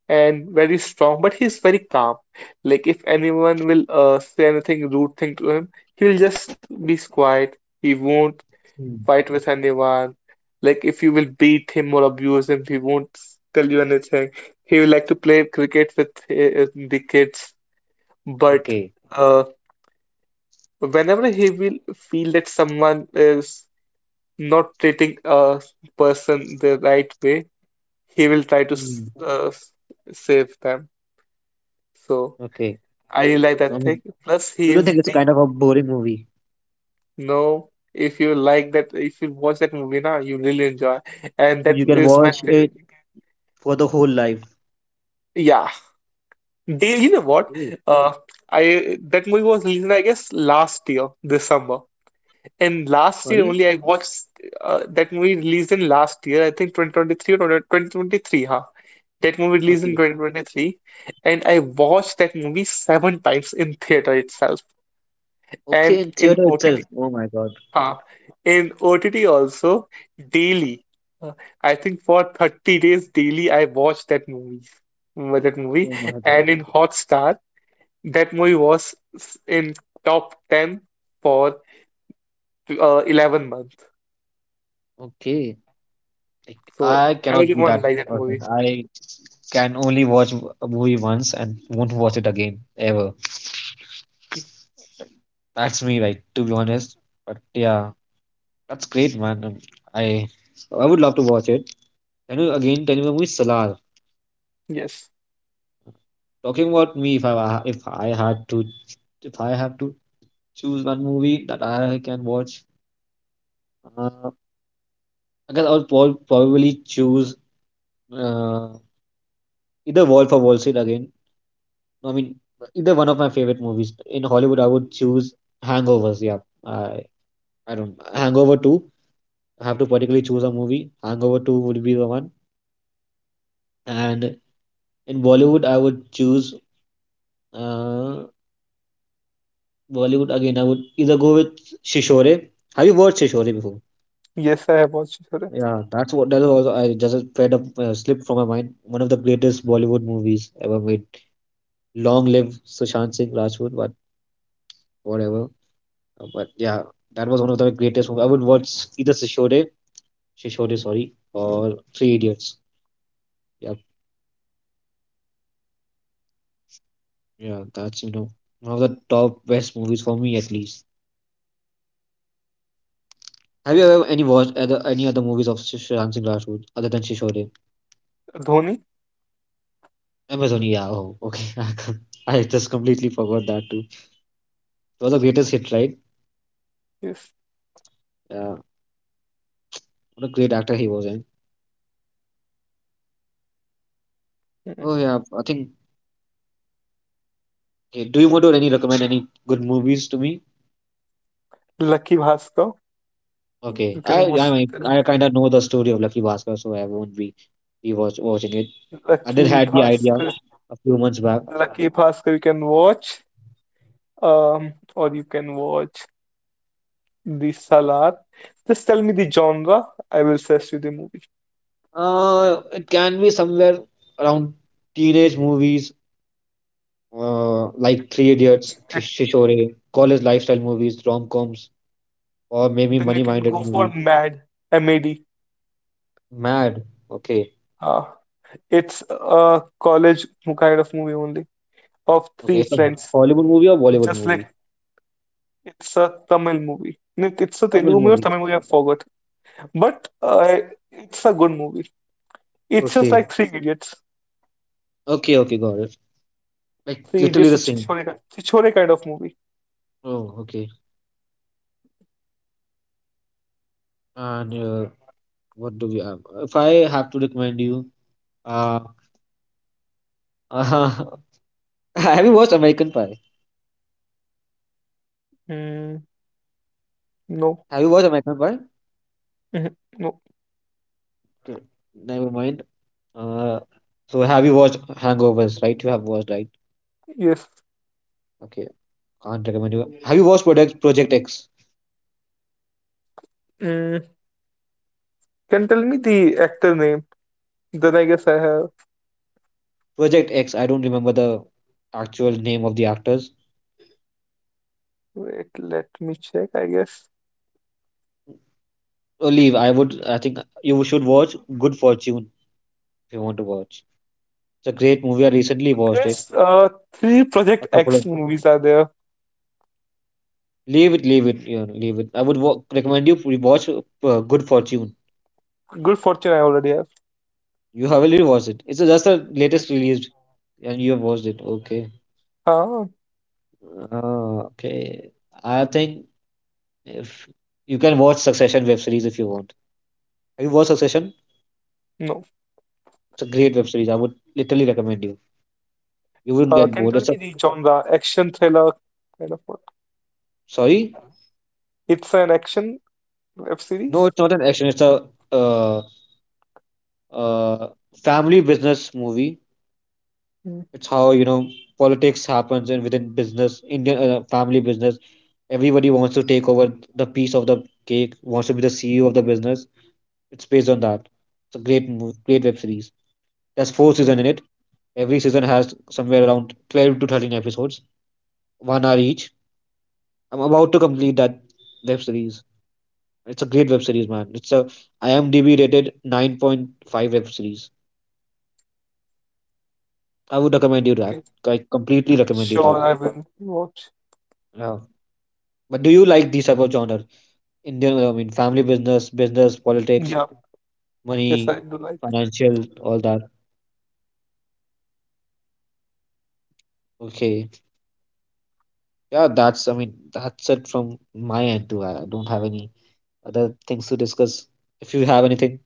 Speaker 1: and very strong, but he's very calm. Like, if anyone will say anything rude thing to him, he'll just be quiet. He won't
Speaker 2: Hmm.
Speaker 1: fight with anyone. Like, if you will beat him or abuse him, he won't s- tell you anything. He will like to play cricket with the kids, but
Speaker 2: Okay.
Speaker 1: uh, whenever he will feel that someone is not treating a person the right way, he will try to
Speaker 2: Hmm.
Speaker 1: save them. So
Speaker 2: Okay.
Speaker 1: I really like
Speaker 2: So
Speaker 1: that
Speaker 2: I
Speaker 1: thing.
Speaker 2: mean,
Speaker 1: Plus, he
Speaker 2: so do you don't
Speaker 1: is
Speaker 2: think it's
Speaker 1: the
Speaker 2: kind of a boring movie?
Speaker 1: no. If you like that, if you watch that movie now, you really enjoy. And
Speaker 2: So
Speaker 1: that
Speaker 2: you can
Speaker 1: is
Speaker 2: watch it for the whole life.
Speaker 1: yeah. They, you know what?
Speaker 2: Hey,
Speaker 1: Uh, I that movie was released, I guess, last year this summer. And last year
Speaker 2: sorry?
Speaker 1: only I watched that movie released in last year. I think 2023 or 2023, huh? That movie released in
Speaker 2: Okay.
Speaker 1: 2023, and I watched that movie seven times in theater itself
Speaker 2: Okay,
Speaker 1: and
Speaker 2: in
Speaker 1: in
Speaker 2: theater itself.
Speaker 1: OTT.
Speaker 2: Oh my god.
Speaker 1: Huh, in OTT also daily. Uh, I think for 30 days daily, I watched that movie, that movie,
Speaker 2: Oh my god.
Speaker 1: and in Hotstar, that movie was s- in top 10 for 11 months.
Speaker 2: Okay. Like
Speaker 1: So
Speaker 2: I cannot be
Speaker 1: everyone
Speaker 2: that
Speaker 1: liked that
Speaker 2: person.
Speaker 1: movie.
Speaker 2: I can only watch a movie once and won't watch it again ever. That's me, like to be honest. But yeah, that's great, man. I I would love to watch it. Can you again tell me the movie Salar?
Speaker 1: Yes,
Speaker 2: Talking about me, if I had to if I have to choose one movie that I can watch, uh, I guess I would probably choose. uh. Either Wolf of Wall Street again. No, I mean, either one of my favorite movies in Hollywood. I would choose Hangovers. Yeah, I I don't Hangover Two. I have to particularly choose a movie. Hangover Two would be the one. And in Bollywood, I would choose uh, Bollywood again. I would either go with Shishore. Have you watched Shishore before?
Speaker 1: yes, I have watched it.
Speaker 2: Yeah, that's what that is also. I just fed up slipped from my mind. One of the greatest Bollywood movies ever made. Long live Sushant Singh Rajput, but whatever. But yeah, that was one of the greatest movies. I would watch either Shishode, sorry, or Three Idiots. Yeah, yeah, that's, you know, one of the top best movies for me at least. Have you ever any watched other any other movies of Ram Singh Rajput other than Shishode?
Speaker 1: Dhoni,
Speaker 2: Amazon, yeah. Oh, okay. [laughs] I just completely forgot that too. It was the greatest hit, right?
Speaker 1: yes,
Speaker 2: Yeah, what a great actor he was in.
Speaker 1: mhm.
Speaker 2: Oh yeah, I think. Okay, do you want to any recommend any good movies to me?
Speaker 1: Lucky Bhaskar.
Speaker 2: Okay,
Speaker 1: You
Speaker 2: I
Speaker 1: can
Speaker 2: I
Speaker 1: watch
Speaker 2: mean,
Speaker 1: the
Speaker 2: I kind of know the story of Lucky Bhaskar, so I won't be watching it. I did
Speaker 1: Lucky
Speaker 2: had the idea
Speaker 1: Bhaskar.
Speaker 2: a few months back.
Speaker 1: Lucky Bhaskar you can watch, or you can watch the Salar. Just tell me the genre. I will search you the movie.
Speaker 2: It can be somewhere around teenage movies, like Three Idiots,
Speaker 1: Ac-
Speaker 2: Shishore, college lifestyle movies, rom-coms, or maybe
Speaker 1: Then you can
Speaker 2: money-minded
Speaker 1: go for
Speaker 2: movies.
Speaker 1: Mad, Mad.
Speaker 2: Mad. Okay.
Speaker 1: Uh, it's a college kind of movie only of
Speaker 2: Okay.
Speaker 1: three
Speaker 2: It's a
Speaker 1: friends.
Speaker 2: Hollywood movie or Bollywood
Speaker 1: Just like
Speaker 2: movie?
Speaker 1: it's a Tamil movie. No, it's a
Speaker 2: Tamil
Speaker 1: Telugu movie or
Speaker 2: movie.
Speaker 1: Tamil movie. I forgot. But it's a good movie. It's just
Speaker 2: Okay.
Speaker 1: like Three Idiots.
Speaker 2: Okay. Okay. Got it. Like
Speaker 1: Three
Speaker 2: literally
Speaker 1: Idiots
Speaker 2: the
Speaker 1: or
Speaker 2: same.
Speaker 1: Chichore, Chichore kind of movie.
Speaker 2: Oh, okay. And uh, what do we have? If I have to recommend you, uh, [laughs] have you watched American Pie?
Speaker 1: Mm, no.
Speaker 2: Have you watched American Pie?
Speaker 1: Mhm, no.
Speaker 2: Okay, never mind. Uh, so have you watched Hangovers? Right, you have watched, right?
Speaker 1: Yes.
Speaker 2: Okay, can't recommend you. Have you watched Project X?
Speaker 1: Mm, can tell me the actor name? Then I guess I have.
Speaker 2: Project X. I don't remember the actual name of the actors.
Speaker 1: Wait, let me check, I guess.
Speaker 2: Oh, leave. I would. I think you should watch Good Fortune if you want to watch. It's a great movie. I recently watched it.
Speaker 1: There's three Project
Speaker 2: A couple of
Speaker 1: X movies are there.
Speaker 2: leave it, you know, leave it. I would recommend you watch Good Fortune.
Speaker 1: Good fortune I already have.
Speaker 2: You have already watched it. It's just the
Speaker 1: Mm.
Speaker 2: latest released, and you have watched it. Okay.
Speaker 1: Uh,
Speaker 2: Ah, okay. I think if you can watch Succession web series if you want. Have you watched Succession?
Speaker 1: no.
Speaker 2: It's a great web series. I would literally recommend you. You wouldn't get
Speaker 1: Can
Speaker 2: bored.
Speaker 1: tell
Speaker 2: It's
Speaker 1: me
Speaker 2: a
Speaker 1: the genre? Action thriller kind of what?
Speaker 2: sorry.
Speaker 1: It's an action web
Speaker 2: No,
Speaker 1: series.
Speaker 2: it's not an action. It's a uh, uh, family business movie.
Speaker 1: Mm,
Speaker 2: It's how you know politics happens and within business, Indian family business. Everybody wants to take over the piece of the cake. Wants to be the CEO of the business. It's based on that. It's a great movie, great web series. There's four
Speaker 1: mm,
Speaker 2: seasons in it. Every season has somewhere around 12 to 13 episodes, 1 hour each. I'm about to complete that web series. It's a great web series, man. It's a IMDb rated 9.5 web series. I would recommend you that.
Speaker 1: mm.
Speaker 2: I completely recommend you
Speaker 1: Sure,
Speaker 2: that.
Speaker 1: I will watch.
Speaker 2: Yeah. But do you like these type of genre? Indian, I mean, family business, business, politics,
Speaker 1: Yeah. Yes,
Speaker 2: money,
Speaker 1: I do like.
Speaker 2: financial, all that. Okay. Yeah, that's, I mean, that's it from my end too. I don't have any other things to discuss if you have anything.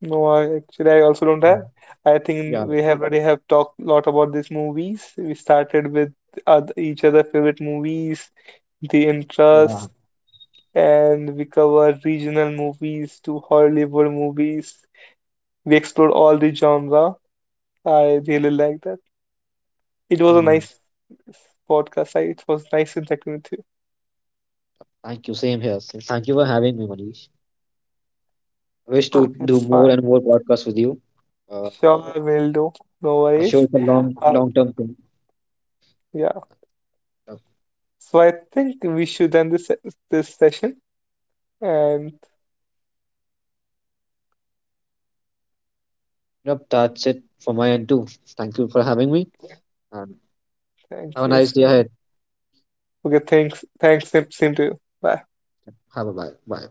Speaker 1: No, I actually I also don't
Speaker 2: Mm.
Speaker 1: have. I think
Speaker 2: Yeah,
Speaker 1: we have already have talked a lot about these movies. We started with each other favorite movies, the
Speaker 2: yeah.
Speaker 1: interests, and we covered regional movies to Hollywood movies. We explored all the genre. I really like that. It was a
Speaker 2: Hmm.
Speaker 1: nice podcast. It was nice interacting with you.
Speaker 2: Thank you. Same here. Thank you for having me, Manish. I wish to
Speaker 1: Okay,
Speaker 2: do
Speaker 1: it's
Speaker 2: more
Speaker 1: fine.
Speaker 2: and more podcasts with you. Uh,
Speaker 1: Sure, I will do. No
Speaker 2: I'm sure
Speaker 1: worries.
Speaker 2: it's a long,
Speaker 1: Uh,
Speaker 2: long-term thing.
Speaker 1: yeah.
Speaker 2: Uh,
Speaker 1: So I think we should end this session and.
Speaker 2: Yep, that's it for my end too. Thank you for having me, and have
Speaker 1: Thank
Speaker 2: a
Speaker 1: you.
Speaker 2: nice day
Speaker 1: Sim.
Speaker 2: ahead.
Speaker 1: Okay, thanks. Thanks, Sim, same to you. Bye.
Speaker 2: Have a bye. Bye.